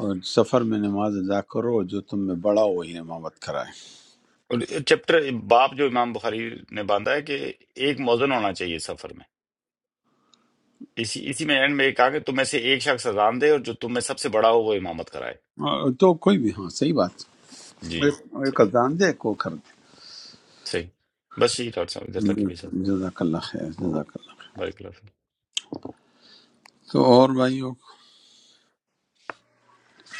اور سفر میں نماز ادا کرو جو تم میں بڑا ہو وہی امامت کرائے اور چیپٹر باب جو امام بخاری نے باندھا ہے کہ ایک موزن ہونا چاہیے سفر میں اسی اسی میں اینڈ میں کہا کہ تم میں سے ایک شخص اذان دے اور جو تم میں سب سے بڑا ہو وہ امامت کرائے آ، تو کوئی بھی ہاں صحیح بات جی ایک ایک صحیح اذان دے کو کر صحیح بس یہی ڈاکٹر صاحب ادھر تک دے ہی بھیجا تھا جزاک اللہ خیر جزاک اللہ بارک اللہ فیک۔ تو اور بھائیوں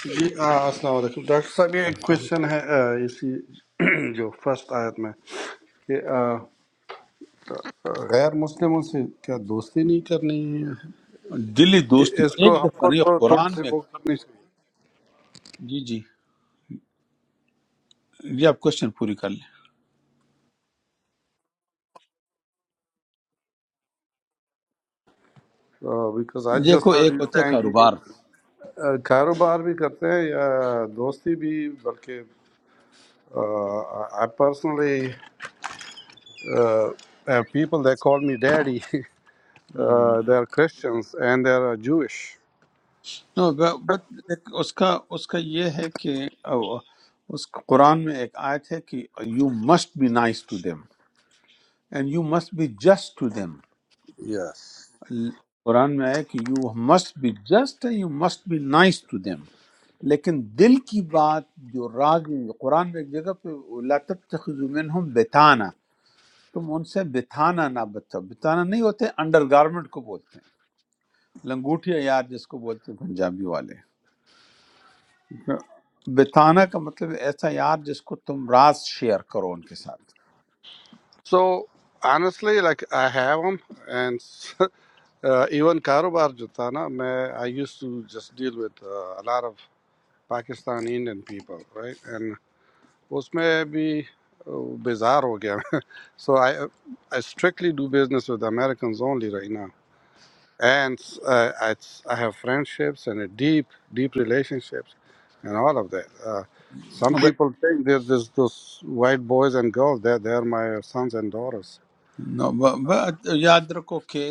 جی آ، السلام علیکم ڈاکٹر صاحب یہ ڈاکٹر ایک السلام علیکم۔ کوشچن ہے آ، اسی جو فرسٹ آیت میں کہ آ، غیر مسلموں سے کیا دوستی نہیں کرنی دلی دوستی ہے اس کو ایک ہم دفعہ کو نہیں تو تھوڑی قرآن سی میں وہ کرنی جی جی یہ آپ کوشچن پوری کر لیں چاہیے بیکاز آج دیکھو جس ہر ایک ہوتا ہے دیتے ہیں کہ کاروبار آ، کاروبار بھی کرتے ہیں یا دوستی بھی بلکہ I personally people they call me daddy hmm. They are Christians and they are Jews No, but but ایک اس کا اس کا یہ ہے کہ او- اس قرآن میں ایک آیت ہے کہ you must be nice to them and you must be just to them yes قرآن میں ہے کہ you must be just you must be nice to them لیکن دل کی بات جو راگی قرآن میں ایک جگہ پہ لا تتخذوا منہم بتانا تم ان سے بتانا نہ بتاؤ بتانا نہیں ہوتے انڈر گارمنٹ کو بولتے ہیں لنگوٹیا یار جس کو بولتے ہیں پنجابی والے بتانا کا مطلب ہے ایسا یار جس کو تم راز شیئر کرو ان کے ساتھ So honestly, like I have them, and uh, even Karubar Jutana, may- I used to just deal with uh, a lot of Pakistani Indian people, right? And उसमें भी uh, bizarre हो गया so I I strictly do business with Americans only right now and uh, I, I have friendships and a deep deep relationships and all of that uh, some ب- people think there's this those white boys and girls they're, they're my sons and daughters نو- ب- ب- یاد رکھو کہ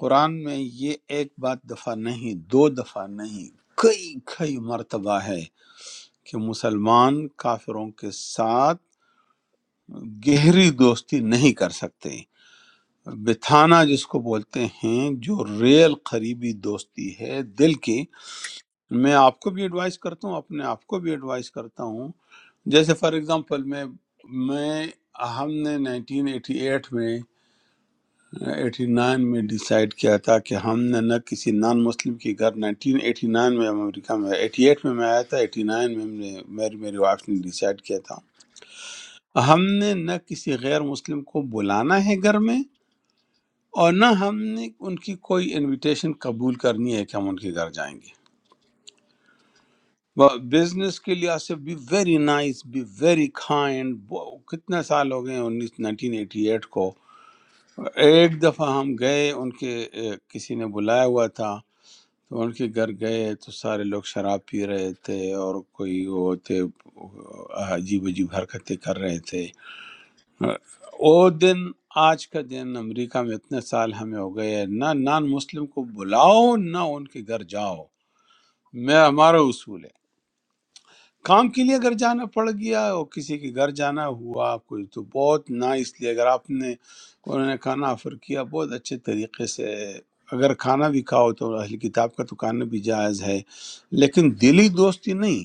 قرآن میں یہ ایک بات دفعہ نہیں دو دفعہ نہیں کئی کئی مرتبہ ہے کہ مسلمان کافروں کے ساتھ گہری دوستی نہیں کر سکتے بتھانا جس کو بولتے ہیں جو ریل قریبی دوستی ہے دل کی میں آپ کو بھی ایڈوائز کرتا ہوں اپنے آپ کو بھی ایڈوائز کرتا ہوں جیسے فار ایگزامپل میں میں ہم نے 1988 میں 89 میں ڈیسائیڈ کیا تھا کہ ہم نے نہ کسی نان مسلم کے گھر 1989 میں ہم امریکہ میں 88 میں میں آیا تھا 89 میں ہم نے میری میری وائف نے ڈیسائیڈ کیا تھا ہم نے نہ کسی غیر مسلم کو بلانا ہے گھر میں اور نہ ہم نے ان کی کوئی انویٹیشن قبول کرنی ہے کہ ہم ان کے گھر جائیں گے بزنس کے لحاظ سے be very nice be very kind کتنے سال ہو گئے ہیں انیس نائنٹین ایٹی ایٹ کو ایک دفعہ ہم گئے ان کے اے، کسی نے بلایا ہوا تھا تو ان کے گھر گئے تو سارے لوگ شراب پی رہے تھے اور کوئی وہ تھے آ، عجیب عجیب حرکتیں کر رہے تھے وہ دن آج کا دن امریکہ میں اتنے سال ہمیں ہو گئے ہیں، نہ نان مسلم کو بلاؤ نہ ان کے گھر جاؤ میں ہمارا اصول ہے کام کے لیے اگر جانا پڑ گیا اور کسی کے گھر جانا ہوا کوئی تو بہت نہ اس لیے اگر آپ نے انہوں نے کھانا آفر کیا بہت اچھے طریقے سے اگر کھانا بھی کھاؤ تو اہل کتاب کا تو کھانا بھی جائز ہے لیکن دلی دوستی نہیں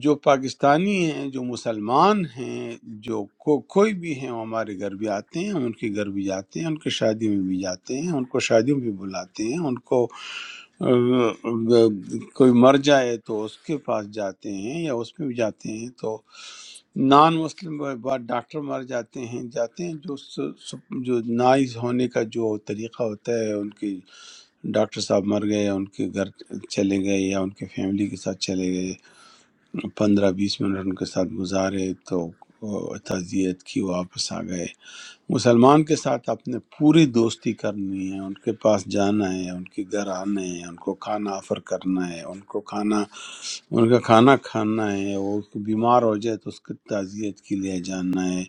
جو پاکستانی ہیں جو مسلمان ہیں جو کو کوئی بھی ہیں وہ ہمارے گھر بھی آتے ہیں ہم ان کے گھر بھی جاتے ہیں ان کے شادی میں بھی جاتے ہیں ان کو شادیوں بھی بلاتے ہیں ان کو آ، آ، کوئی مر جائے تو اس کے پاس جاتے ہیں یا اس میں بھی جاتے ہیں تو نان مسلم بعد ڈاکٹر مر جاتے ہیں جاتے ہیں جو س- س- جو نائز ہونے کا جو طریقہ ہوتا ہے ان کی ڈاکٹر صاحب مر گئے یا ان کے گھر چلے گئے یا ان کے فیملی کے ساتھ چلے گئے پندرہ بیس منٹ ان کے ساتھ گزارے تو آ، تعزیت کی واپس آ گئے مسلمان کے ساتھ آپ نے پوری دوستی کرنی ہے ان کے پاس جانا ہے ان کے گھر آنا ہے ان کو کھانا آفر کرنا ہے ان کو کھانا ان کا کھانا کھانا ہے وہ بیمار ہو جائے تو اس کی تعزیت کے لیے جانا ہے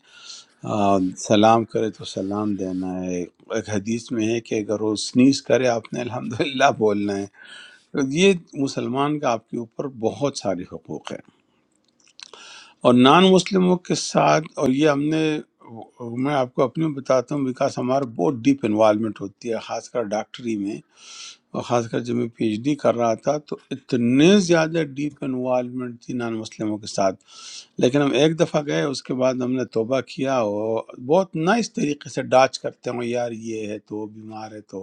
آ، سلام کرے تو سلام دینا ہے ایک حدیث میں ہے کہ اگر وہ سنیز کرے آپ نے الحمدللہ بولنا ہے یہ مسلمان کا آپ کے اوپر بہت سارے حقوق ہیں اور نان مسلموں کے ساتھ اور یہ ہم نے میں آپ کو اپنی بتاتا ہوں بیکاز ہمارا بہت ڈیپ انوالومنٹ ہوتی ہے خاص کر ڈاکٹری میں اور خاص کر جب میں پی ایچ ڈی کر رہا تھا تو اتنے زیادہ ڈیپ انوالومنٹ تھی نان مسلموں کے ساتھ لیکن ہم ایک دفعہ گئے اس کے بعد ہم نے توبہ کیا اور بہت نائس طریقے سے ڈاچ کرتے ہوں یار یہ ہے تو وہ بیمار ہے تو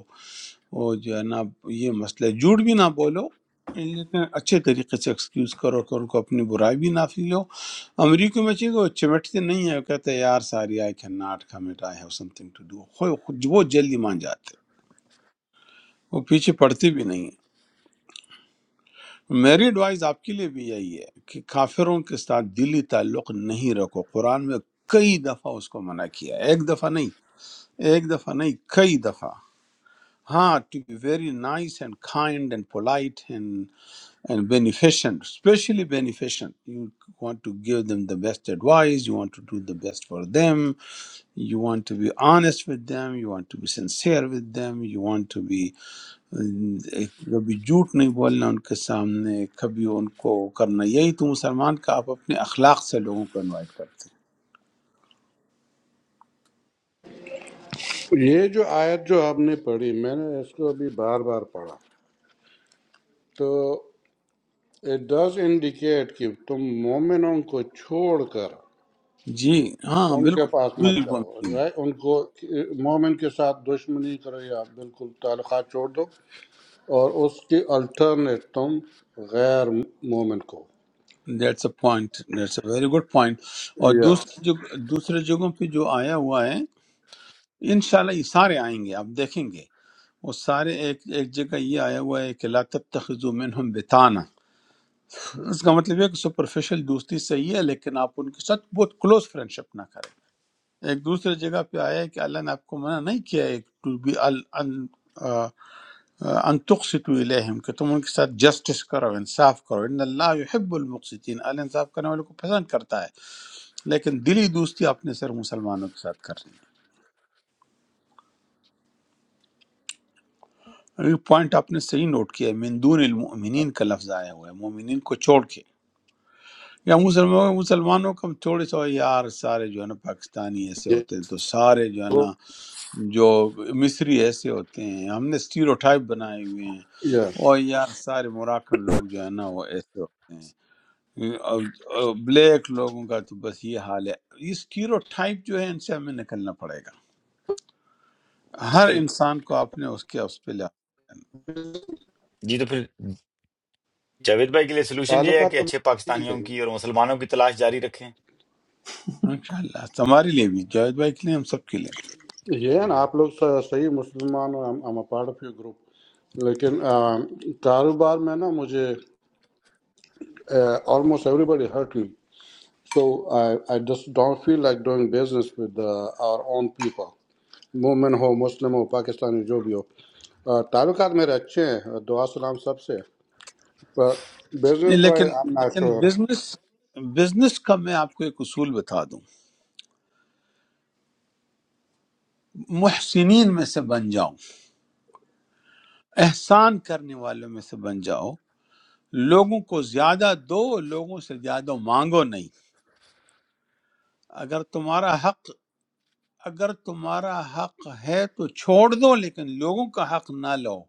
وہ جو ہے نا یہ مسئلہ ہے۔ جھوٹ بھی نہ بولو لیکن اچھے طریقے سے ایکسکیوز کرو کہ ان کو اپنی برائی بھی نہ فیلو امریکہ میں چاہیے وہ چمٹتے نہیں ہیں وہ کہتے ہیں یار sorry I can not commit I have something to do وہ جلدی مان جاتے ہیں وہ پیچھے پڑتے بھی نہیں ہیں۔ میری ایڈوائز آپ کے لیے بھی یہی ہے کہ کافروں کے ساتھ دلی تعلق نہیں رکھو قرآن میں کئی دفعہ اس کو منع کیا ہے ایک دفعہ نہیں ایک دفعہ نہیں کئی دفعہ ہاں to be very nice and kind and polite and and beneficent, especially beneficent. You want to give them the best advice, you want to do the best for them, you want to be honest with them, you want to be sincere with them, you want to be کبھی جھوٹ نہیں بولنا ان کے سامنے کبھی ان کو کرنا یہی تو مسلمان کا آپ اپنے اخلاق سے لوگوں کو انوائٹ کرتے یہ جو آیت جو آپ نے پڑھی میں نے اس کو ابھی بار بار پڑھا تو اٹ ڈز انڈیکیٹ کہ تم مومنوں کو چھوڑ کر ہیں جی ہاں ان کے پاس مت جاؤ بالکل right؟ ان کو مومن کے ساتھ دشمنی کرو یا بالکل تعلقات چھوڑ دو اور اس کی الٹرنیٹ تم غیر مومن کو that's a point that's a very good point اور یس دوسرے جو دوسرے جگہوں پہ جو آیا ہوا ہے انشاءاللہ یہ سارے آئیں گے آپ دیکھیں گے وہ سارے ایک ایک جگہ یہ آیا ہوا ہے کہ لا تتخذوا منہم بتانا اس کا مطلب یہ ہے کہ سپرفیشل دوستی صحیح ہے لیکن آپ ان کے ساتھ بہت کلوز فرینڈشپ نہ کریں ایک دوسرے جگہ پہ آیا ہے کہ اللہ نے آپ کو منع نہیں کیا ہے ٹو بی ان آ، ان تقسطوا الیہم کہ تم ان کے ساتھ جسٹس کرو انصاف کرو ان اللہ یحب المقسطین اللہ انصاف کرنے والوں کو پسند کرتا ہے لیکن دلی دوستی آپ نے صرف مسلمانوں کے ساتھ کرنی ہے اور یہ پوائنٹ آپ نے صحیح نوٹ کیا ہے من دون المؤمنین کا لفظ آیا ہوا ہے مومنین کو چھوڑ کے یا مسلمانوں مسلمانوں کا تھوڑے سا یار سارے جو ہے نا پاکستانی ایسے ہوتے ہیں تو سارے جو ہے نا جو مصری ایسے ہوتے ہیں ہم نے اسٹیریوٹائپ بنائے ہوئے ہیں یس اور یار سارے موراکن لوگ جو ہے نا وہ ایسے ہوتے ہیں اور- اور بلیک لوگوں کا تو بس یہ حال ہے یہ اسٹیریوٹائپ جو ہے ان سے ہمیں نکلنا پڑے گا تو ہر پھر انسان کو آپ نے اس کے اس پہ لحاظ کرنا جی تو پھر جاوید بھائی کے لیے سلوشن یہ ہے کہ تعلقات اب اچھے ٹھیک ہے پاکستانیوں کی اور مسلمانوں کی تلاش جاری رکھیں ان شاء اللہ ہمارے لیے بھی جاوید بھائی کے لیے ہم سب کے لیے یہ ہے نا جی۔ آپ لوگ صحیح مسلمان ہو am a part of your group لیکن آ، کاروبار میں نا مجھے almost everybody hurt me so I just don't feel like doing business with our own people مومن ہو مسلم ہو پاکستانی جو بھی ہو آ، تعلقات میرے اچھے ہیں دعا سلام سب سے پر نہیں، بزنس وائز لیکن آئی ایم ناٹ لیکن شور بزنس بزنس کا میں آپ کو ایک اصول بتا دوں محسنین میں سے بن جاؤ احسان کرنے والوں میں سے بن جاؤ لوگوں کو زیادہ دو لوگوں سے زیادہ مانگو نہیں اگر تمہارا حق اگر تمہارا حق ہے تو چھوڑ دو لیکن لوگوں کا حق نہ لو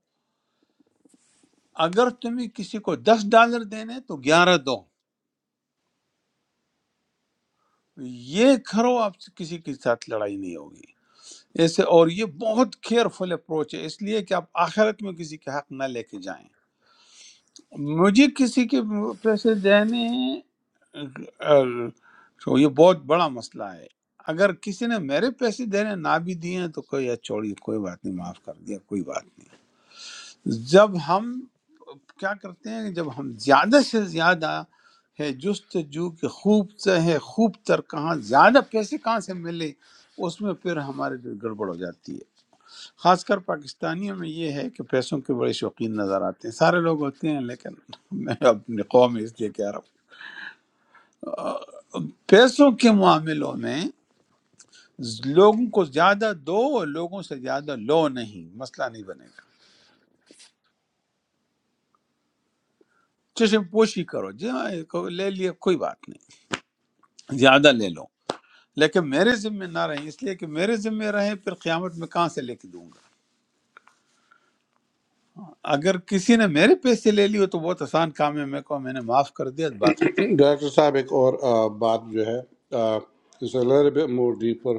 اگر تمہیں کسی کو دس ڈالر دینے تو گیارہ دو یہ کرو آپ سے کسی کے ساتھ لڑائی نہیں ہوگی ایسے اور یہ بہت کیئرفل اپروچ ہے اس لیے کہ آپ آخرت میں کسی کے حق نہ لے کے جائیں مجھے کسی کے پیسے دینے ہیں اگر- تو یہ بہت بڑا مسئلہ ہے اگر کسی نے میرے پیسے دینے نہ بھی دیے ہیں تو کوئی چھوڑی کوئی بات نہیں معاف کر دیا کوئی بات نہیں جب ہم کیا کرتے ہیں جب ہم زیادہ سے زیادہ ہے جستجو کہ خوب سے ہے خوب تر کہاں زیادہ پیسے کہاں سے ملے اس میں پھر ہمارے دل گڑبڑ ہو جاتی ہے خاص کر پاکستانیوں میں یہ ہے کہ پیسوں کے بڑے شوقین نظر آتے ہیں سارے لوگ ہوتے ہیں لیکن میں اپنے قوم میں اس لیے کہہ رہا ہوں پیسوں کے معاملوں میں لوگوں کو زیادہ دو اور لوگوں سے زیادہ لو نہیں مسئلہ نہیں بنے گا چشم پوشی کرو جی ہاں ایک لے لیے کوئی بات نہیں زیادہ لے لو لیکن میرے ذمہ نہ رہیں اس لیے کہ میرے ذمہ رہیں پھر قیامت میں کہاں سے لے کے دوں گا اگر کسی نے میرے پیسے لے لیے تو بہت آسان کام ہے میں کو میں نے معاف کر دیا بات ختم ہو گئی ڈائریکٹر صاحب ایک اور آ، بات جو ہے لٹل مور ڈیپر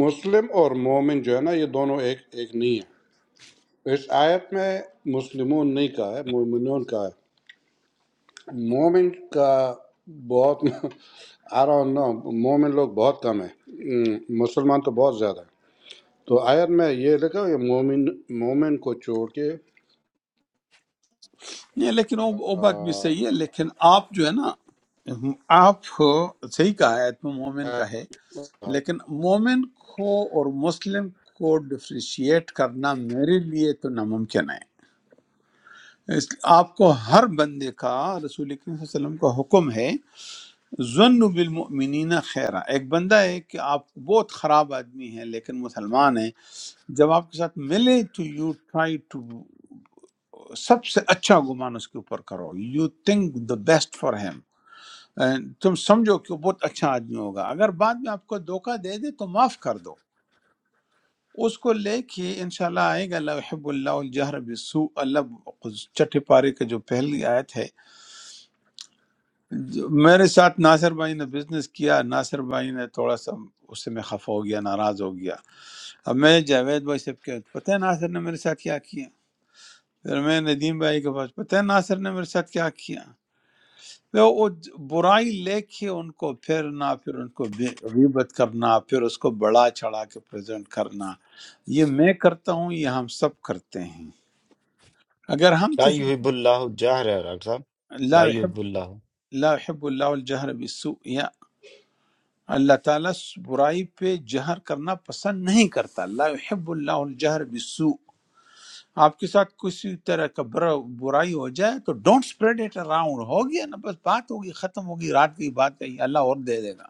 مسلم اور مومن جو ہے نا یہ دونوں ایک ایک نہیں ہے اس آیت میں مسلمون نہیں کہا ہے مومنون کہا ہے مومن کا بہت آ رہا نو مومن لوگ بہت کم ہیں مسلمان تو بہت زیادہ ہیں تو آیت میں یہ لکھا کہ مومن مومن کو چھوڑ کے نہیں لیکن وہ وہ بات بھی صحیح ہے لیکن آپ جو ہے نا آپ صحیح کہا ہے تو مومن کا ہے لیکن مومن کو اور مسلم کو ڈفریشیٹ کرنا میرے لیے تو ناممکن ہے اس آپ کو ہر بندے کا رسول کریم صلی اللہ علیہ وسلم کا حکم ہے ظن بالمؤمنین خیرہ ایک بندہ ہے کہ آپ بہت خراب آدمی ہے لیکن مسلمان ہے جب آپ کے ساتھ ملے تو یو ٹرائی ٹو سب سے اچھا گمان اس کے اوپر کرو you think the best for him تم سمجھو کہ وہ بہت اچھا آدمی ہوگا اگر بعد میں آپ کو دھوکہ دے دے تو معاف کر دو اس کو لے کے انشاءاللہ آئے گا اللہ حب اللہ الجہر بسو اللہ چٹے پارے کا جو پہلی آیت ہے جو- میرے ساتھ ناصر بھائی نے بزنس کیا ناصر بھائی نے تھوڑا سا اس سے میں خفا ہو گیا ناراض ہو گیا اب میں جاوید بھائی سے کہ پتہ ہے ناصر نے میرے ساتھ کیا کیا پھر میں ندیم بھائی کے پاس پتہ ہے ناصر نے میرے ساتھ کیا کیا پھر وہ برائی لے کے ان کو پھیرنا پھر ان کو بے- غیبت کرنا پھر اس کو بڑا چڑھا کے پریزنٹ کرنا یہ میں کرتا ہوں یہ ہم سب کرتے ہیں اگر ہم لا تش... یحب اللہ جاہر ہے ڈاکٹر صاحب لا لا يحب یحب اللہ لا یحب الله الجهر بالسوء اللہ تعالیٰ برائی پہ جہر کرنا پسند نہیں کرتا لا یحب اللہ الجہر بالسوء آپ کے ساتھ کسی طرح کا برا- برائی ہو جائے تو ڈونٹ spread اٹ اراؤنڈ ہو گیا نا بس بات ہوگی ختم ہوگی رات کی بات کہی اللہ اور دے دے گا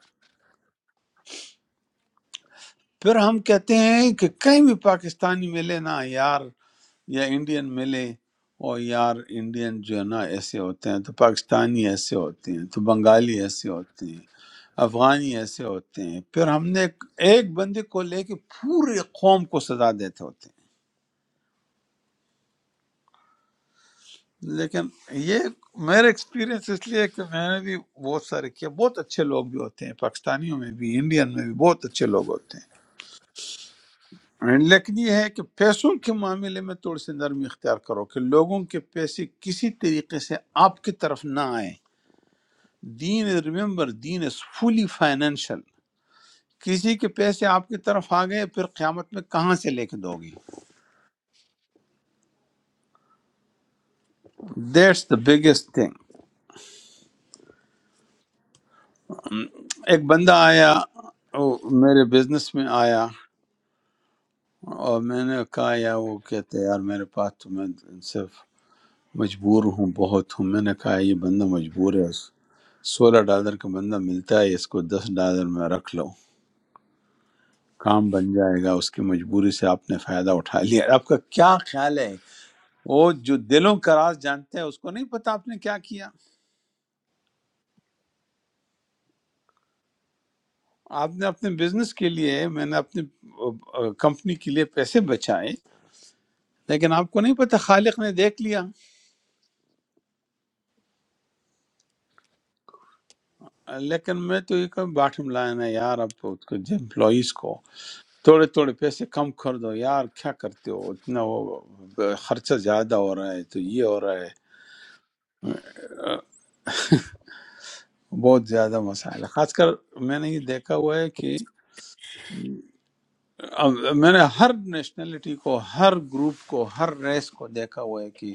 پھر ہم کہتے ہیں کہ کہیں بھی پاکستانی ملے نا یار یا انڈین ملے اور یار انڈین جو ہے نا ایسے ہوتے ہیں تو پاکستانی ایسے ہوتے ہیں تو بنگالی ایسے ہوتے ہیں افغانی ایسے ہوتے ہیں پھر ہم نے ایک ایک بندے کو لے کے پوری قوم کو سزا دیتے ہوتے ہیں لیکن یہ میرا ایکسپیرینس اس لیے کہ میں نے بھی بہت سارے کیا بہت اچھے لوگ بھی ہوتے ہیں پاکستانیوں میں بھی انڈین میں بھی بہت اچھے لوگ ہوتے ہیں لیکن یہ ہے کہ پیسوں کے معاملے میں تھوڑی سی نرمی اختیار کرو کہ لوگوں کے پیسے کسی طریقے سے آپ کی طرف نہ آئیں دین ریمبر دین از فلی فائنینشیل کسی کے پیسے آپ کی طرف آ گئے پھر قیامت میں کہاں سے لے کے دو گی دیٹس دا بگیسٹ تھنگ ایک بندہ آیا وہ میرے بزنس میں آیا اور میں نے کہا یا وہ کہتے ہیں، یار میرے پاس تو میں صرف مجبور ہوں بہت ہوں میں نے کہا یہ بندہ مجبور ہے سولہ ڈالر کا بندہ ملتا ہے اس کو دس ڈالر میں رکھ لو کام بن جائے گا اس کی مجبوری سے آپ نے فائدہ اٹھا لیا آپ کا کیا خیال ہے وہ جو دلوں کا راز جانتے ہیں اس کو نہیں پتا آپ نے کیا کیا آپ نے اپنے بزنس کے لیے میں نے اپنے کمپنی کے لیے پیسے بچائے لیکن آپ کو نہیں پتا خالق نے دیکھ لیا لیکن میں تو یہ کہ باٹم لائن ہے یار اب تو اس کو امپلائیز کو تھوڑے تھوڑے پیسے کم کر دو یار کیا کرتے ہو اتنا وہ خرچہ زیادہ ہو رہا ہے تو یہ ہو رہا ہے بہت زیادہ مسائل ہے خاص کر میں نے یہ دیکھا ہوا ہے کہ اب میں نے ہر نیشنلٹی کو ہر گروپ کو ہر ریس کو دیکھا ہوا ہے کہ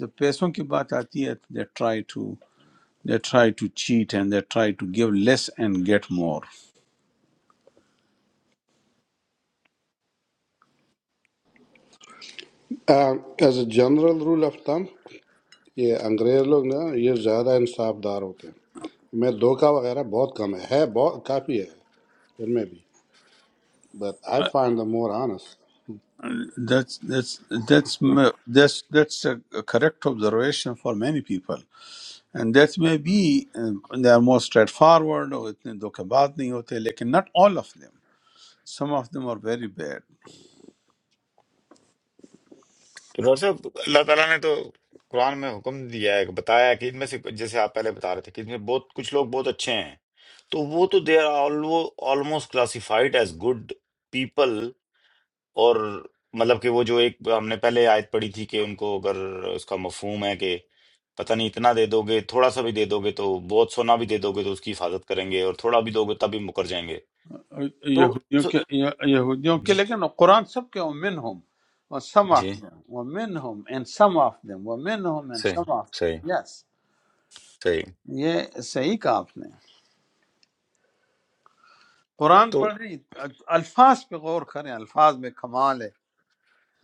جب پیسوں کی بات آتی ہے they try to they try to cheat and they try to give less and get more as a general rule of thumb یہ انگریز لوگ نا یہ زیادہ انصاف دار ہوتے ہیں میں دھوکہ وغیرہ بہت کم ہے ہے بہت کافی ہے ان میں بھی but I find the more honest that's that's correct observation for many people and that may be they are more straightforward اور اتنے دھوکے باز نہیں ہوتے لیکن not all of them some of them are very bad تو doctor صاحب اللہ تعالیٰ نے تو قرآن میں حکم دیا ہے بتایا ہے کہ ان میں سے جیسے آپ پہلے بتا رہے تھے کہ ان میں بہت کچھ لوگ بہت اچھے ہیں تو وہ تو they are almost classified as good people اور مطلب کہ وہ جو ایک ہم نے پہلے آیت پڑھی تھی کہ ان کو اگر اس کا مفہوم ہے کہ پتہ نہیں اتنا دے دو گے تھوڑا سا بھی دے دو گے تو بہت سونا بھی دے دو گے تو اس کی حفاظت کریں گے اور تھوڑا بھی دو گے تب بھی مکر جائیں گے تو یہودیوں جو- کے یہودیوں کے جی لیکن قرآن سب کے ومن ہم و سم آف جی دم ومن ہم اینڈ سم آف دم ومن ہم اینڈ صحیح سم آف صحیح دم یس صحیح یہ صحیح کہا آپ نے قرآن تو پڑھیں الفاظ پہ غور کریں الفاظ میں کمال ہے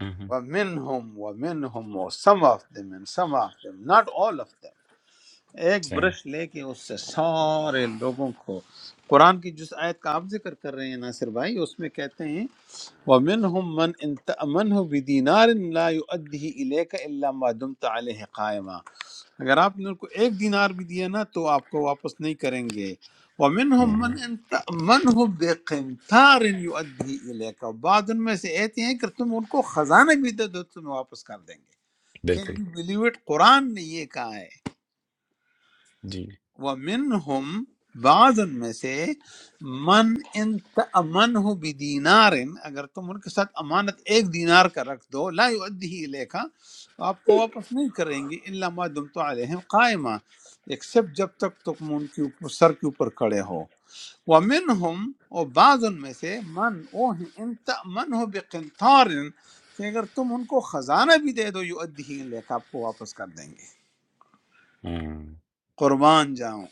ہوں ہوں، ومن ہم ومن ہم و some of them and some of them not all of them ایک برش لے کے اس سے سارے لوگوں کو قرآن کی جس آیت کا آپ ذکر کر رہے ہیں ناصر بھائی اس میں کہتے ہیں ومنهم من ان تأمنه بدینار لا يؤديه الیک الا ما دمت علیہ قائما اگر آپ نے ان کو ایک دینار بھی دیا نا تو آپ کو واپس نہیں کریں گے ومنهم صحیح من ان تأمنه بقنطار يؤديه الیک اور بعض ان میں سے ایسے ہیں کہ تم ان کو خزانہ بھی دے دو تمہیں واپس کر دیں گے Can بالکل you believe it قرآن نے یہ کہا ہے جی وَمِنْهُمْ بعض ان میں سے من ان امن ہو بدینار اگر تم ان کے ساتھ امانت ایک دینار کا رکھ دو لا یؤدیہ الیکا تو آپ کو واپس نہیں کریں گے الا ما دمتم علیہم قائما ایکسپٹ جب تک تم ان کے اوپر سر کے اوپر کھڑے ہو ومنهم اور بعض ان میں سے من وہ ہیں ان تأمن ہو بقنطار کہ اگر تم ان کو خزانہ بھی دے دو یؤدیہ الیکا آپ کو واپس کر دیں گے ہاں ہاں قربان جاؤں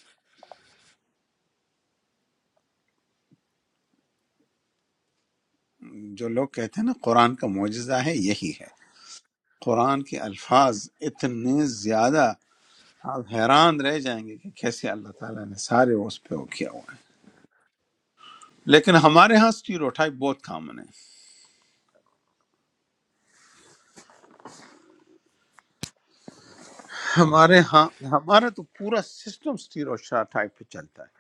جو لوگ کہتے ہیں نا قرآن کا معجزہ ہے یہی ہے قرآن کے الفاظ اتنے زیادہ آپ حیران رہ جائیں گے کہ کیسے اللہ تعالیٰ نے سارے اس پہ وہ کیا ہوا ہے لیکن ہمارے ہاں سٹیروٹائپ بہت کامن ہے ہمارے ہاں ہمارا تو پورا سسٹم سٹیروٹائپ پہ چلتا ہے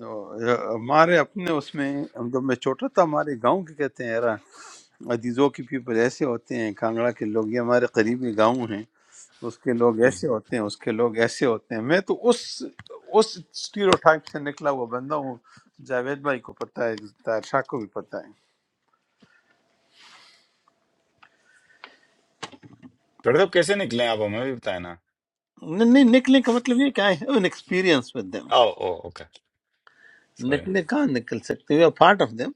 تو ہمارے اپنے اس میں جب میں چھوٹا تھا ہمارے گاؤں کے کہتے ہیں عزیزوں کے پیپل ایسے ہوتے ہیں کانگڑا کے لوگ یہ ہمارے قریبی گاؤں ہیں اس کے لوگ ہاں۔ ایسے ڈاکٹر ہوتے ہیں اس کے لوگ ایسے ہوتے ہیں میں تو اس اس اسٹیریوٹائپ سے نکلا ہوا بندہ ہوں جاوید بھائی کو پتہ ہے طاہر شاہ کو بھی پتہ ہے صاحب کیسے نکلے آپ ہمیں بھی بتائیں نا نہیں نہیں، نکلنے کا مطلب یہ کہ I have an experience with them oh oh okay sorry نکلے کہاں نکل سکتے we are part of them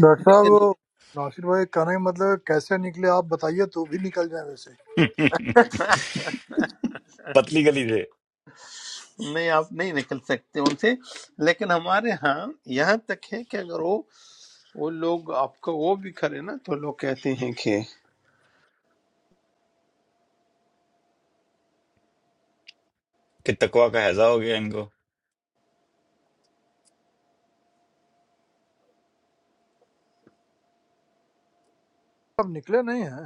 doctor صاحب لیکن وہ ناصر بھائی کہنے کا مطلب ہے کیسے نکلے آپ بتائیے تو بھی نکل جائیں ویسے پتلی گلی سے نہیں آپ نہیں نکل سکتے ان سے لیکن ہمارے ہاں یہاں تک ہے کہ اگر وہ وہ لوگ آپ کو وہ بھی کرے نا تو لوگ کہتے ہیں کہ کہ تقوا کا ہیضہ ہو گیا ان کو آپ نکلے نہیں ہیں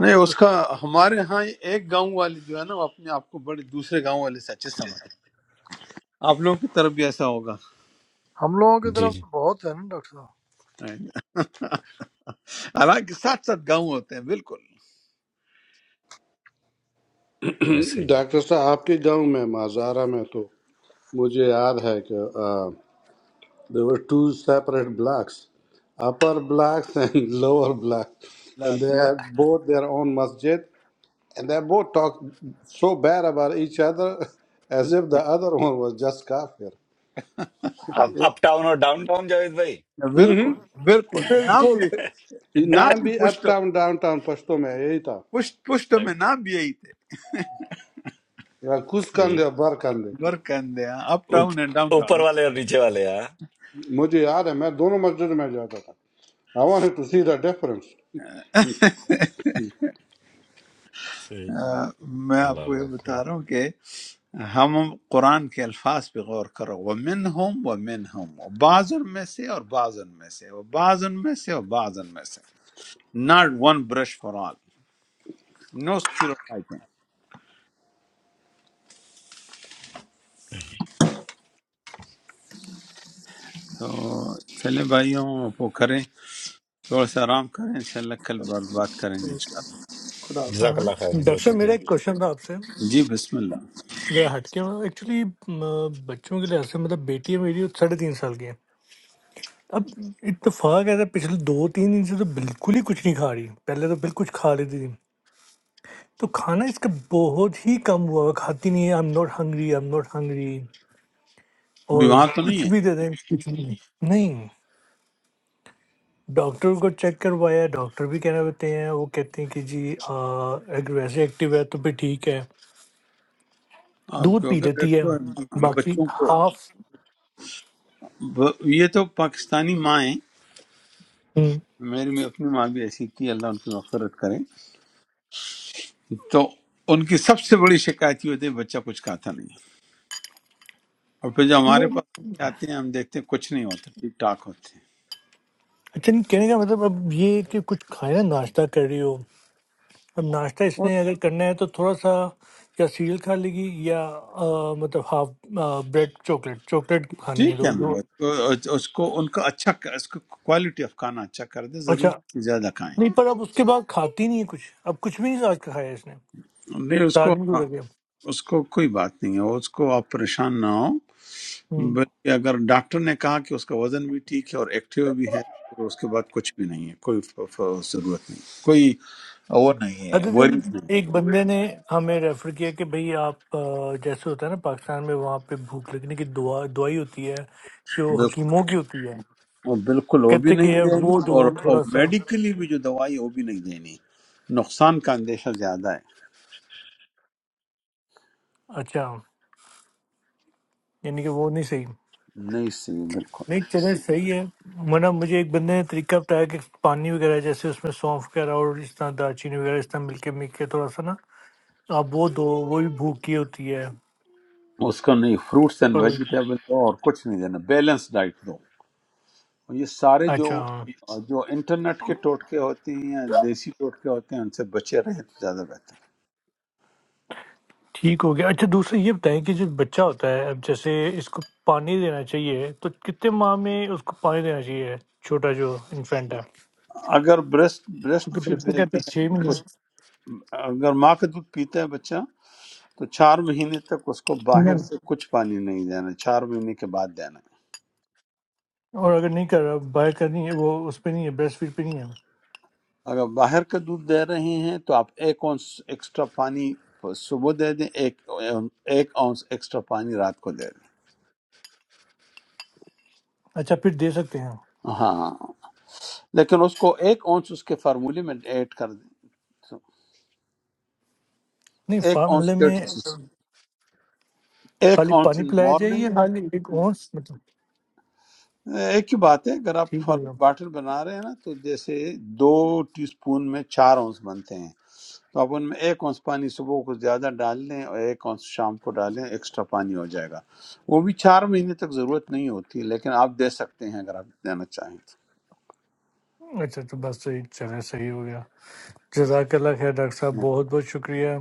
نہیں اس کا ہمارے ہاں ایک گاؤں والے جو ہے نا وہ اپنے آپ کو بڑے دوسرے گاؤں والے سے اچھے سمجھتے ہیں آپ لوگوں کی طرف بھی ایسا ہوگا ہم لوگوں کی جی طرف جی تو بہت ہے نا ڈاکٹر صاحب حالانکہ ساتھ ساتھ گاؤں ہوتے ہیں بالکل اللہ ایسے ہی ڈاکٹر صاحب آپ کے گاؤں میں مازارہ میں تو مجھے یاد ہے کہ There were two separate blocks, upper blocks and lower blocks, and they آتی ہے۔ had both their own masjid, and they both talked so bad about each other as if the other one was just kafir. Up uptown اور downtown Javed بھائی بالکل Mm-hmm. بالکل نام बिल्कुल بھی نام नाम بھی भी अप پشت टाउन डाउन टाउन पश्तो में यही था پشت پشت میں نام بھی یہی تھے या कुछ صحیح कंधे और बर कंधे برکندے اپ ٹاؤن اوپ- اینڈ ڈاؤن اوپر ٹاؤن والے اور نیچے والے ہاں मुझे याद है मैं दोनों मस्जिद में जाता था I wanted to see the difference صحیح میں آپ اللہ کو یہ اکبر بتا رہا ہوں کہ ہم قرآن کے الفاظ پہ غور کرو ومن ہم ومن ہم بعض ان میں سے اور بعض ان میں سے وہ بعض ان میں سے اور بعض ان میں سے not one brush for all no stereotyping تو چلے بھائیوں آپ وہ کریں تھوڑا سا آرام کریں انشاءاللہ کل بار بات کریں گے اوكي انشاءاللہ خدا حافظ جزاک हाँ, اللہ خیر جی डॉक्टर بہت साहब, شکریہ मेरा एक क्वेश्चन था आपसे جی بسم اللہ जरा हटके एक्चुअली बच्चों के लिहाज से मतलब बेटी है मेरी वो साढ़े तीन साल की है अब इत्तेफाक ऐसा पिछले दो तीन दिन से तो बिल्कुल ही कुछ नहीं खा रही पहले तो बिल्कुल कुछ खा लेती थी तो खाना इसका बहुत ही कम हुआ है, खाती नहीं है I am not hungry I am not hungry और بیمار تو نہیں कुछ ہے भी दे दें कुछ भी नहीं नहीं, डॉक्टर को चेक करवाया डॉक्टर भी कहना होते हैं वो कहते हैं कि जी आ, अगर वैसे एक्टिव है तो फिर ठीक है آپ दूध کو पी اگر लेती है دیکھتے ہو، ہم बाकी بچوں کو हाफ ب- یہ تو پاکستانی ماں ہیں हम्म, میری میں اپنی ماں بھی ایسی تھی اللہ ان کی مغفرت کرے تو ان کی سب سے بڑی شکایت یہ ہوتی ہے بچہ کچھ کھاتا نہیں ہے۔ اور پھر جو ہمارے پاس کے آتے ہیں ہم دیکھتے ہیں کچھ نہیں ہوتا ٹھیک ٹھاک ہوتے ہیں अच्छा नहीं कहने का मतलब अब ये है कि कुछ खाया नाश्ता कर रही हो अब नाश्ता وہ इसने अगर करना है तो थोड़ा सा या सीरियल खा लेगी या आ, मतलब हाफ ब्रेड चॉकलेट चॉकलेट खानी है ٹھیک ہے दो نا दो اس کو اس کو- ان کا اچھا اس کو کوالٹی آف کھانا اچھا کر دے ضروری अच्छा نہیں کہ زیادہ کھائیں नहीं पर अब उसके बाद खाती नहीं है कुछ अब कुछ भी नहीं आज खाया इसने نہیں اس साथ کو में क्यों रखे اس کو کوئی بات نہیں ہے اس کو آپ پریشان نہ ہو हम्म بلکہ اگر ڈاکٹر نے کہا کہ اس کا وزن بھی ٹھیک ہے اور ایکٹیو بھی ہے پھر اس کے بعد کچھ بھی نہیں ہے کوئی ف- ف- ضرورت نہیں کوئی وہ نہیں ہے अदर وری दिन एक बंदे ने हमें रेफर किया कि भाई आप अ, जैसे होता है ना पाकिस्तान में वहाँ पे भूख लगने की दुआ दुआई होती है जो نہیں हकीमों की होती है وہ بالکل وہ بھی कहते نہیں कि यार دینی वो दो اور اور थोड़ा सा میڈیکلی بھی جو دوائی ہے وہ بھی نہیں دینی نقصان کا اندیشہ زیادہ अच्छा यानी कि वो नहीं सही ہے نہیں صحیح بالکل नहीं चले सही है मना मुझे एक बंदे ने तरीका बताया कि पानी वगैरह जैसे उसमें सौंफ वगैरह और इस तरह दालचीनी वगैरह इस तरह मिलके मिल के थोड़ा सा ना आप वो दो वो भी भूख की होती है اس کو نہیں فروٹس اینڈ पर ویجیٹیبل دو اور کچھ نہیں دینا بیلنس ڈائٹ دو اور یہ سارے جو अच्छा جو انٹرنیٹ کے ٹوٹکے ہوتے ہیں یا دیسی ٹوٹکے ہوتے ہیں ان سے بچے رہیں تو زیادہ بہتر ठीक हो गया अच्छा दूसरा ये बताएं कि जो बच्चा होता है अब जैसे इसको पानी देना चाहिए तो कितने माह में उसको पानी देना चाहिए छोटा जो इन्फेंट है ہے۔ اگر بریسٹ بریسٹ क्योंकि فیڈ डॉक्टर कहते بیبی हैं ہے छः اس کو महीने اگر ماں کا دودھ پیتا ہے بچہ تو چار مہینے تک اس کو باہر नहीं سے کچھ پانی نہیں دینا چار مہینے کے بعد دینا ہے۔ और अगर नहीं कर रहा बाय करनी है वो उस पर नहीं है ब्रेस्ट फीड पे नहीं है اگر باہر کا دودھ دے رہے ہیں تو آپ ایک اونس ایکسٹرا پانی صبح دے دیں ایک ایک اونس ایکسٹرا پانی رات کو دے دیں अच्छा फिर दे सकते हैं ہاں ہاں، ہاں۔ لیکن اس کو ایک اونس اس کے فارمولے میں ایڈ کر دیں تو नहीं ایک اونس फार्मूले پروٹین، में ایک खाली اونس पानी ان पिलाया जाए या مارننگ खाली एक और मतलब ایک ہی بات ہے اگر آپ ठीक हो فار- गया باٹل بنا رہے ہیں نا تو جیسے دو ٹی سپون میں چار اونس بنتے ہیں تو آپ ان میں ایک اونس پانی صبح کو زیادہ ڈال لیں اور ایک اونس شام کو ڈالیں ایکسٹرا پانی ہو جائے گا وہ بھی چار مہینے تک ضرورت نہیں ہوتی لیکن آپ دے سکتے ہیں اگر آپ دینا چاہیں تو अच्छा तो बस सही चले सही हो गया जजाकल्ला खैर डॉक्टर साहब बहुत बहुत शुक्रिया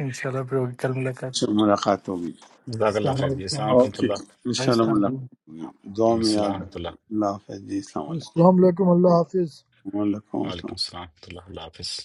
इंशाल्लाह फिर होगी कल मुलाकात اچھا، ملاقات ہوگی جزاک اللہ अस्सलाम خیر جی السلام वालेकुम علیکم ورحمۃ اوکے اللہ جی ان شاء Praise اللہ the ملاقات ہوگی دعا میں السلام یاد ورحمۃ اللہ رکھیے اللہ حافظ جی السلام علیکم السلام علیکم اللہ حافظ وعلیکم السلام وعلیکم السلام ورحمۃ اللہ اللہ حافظ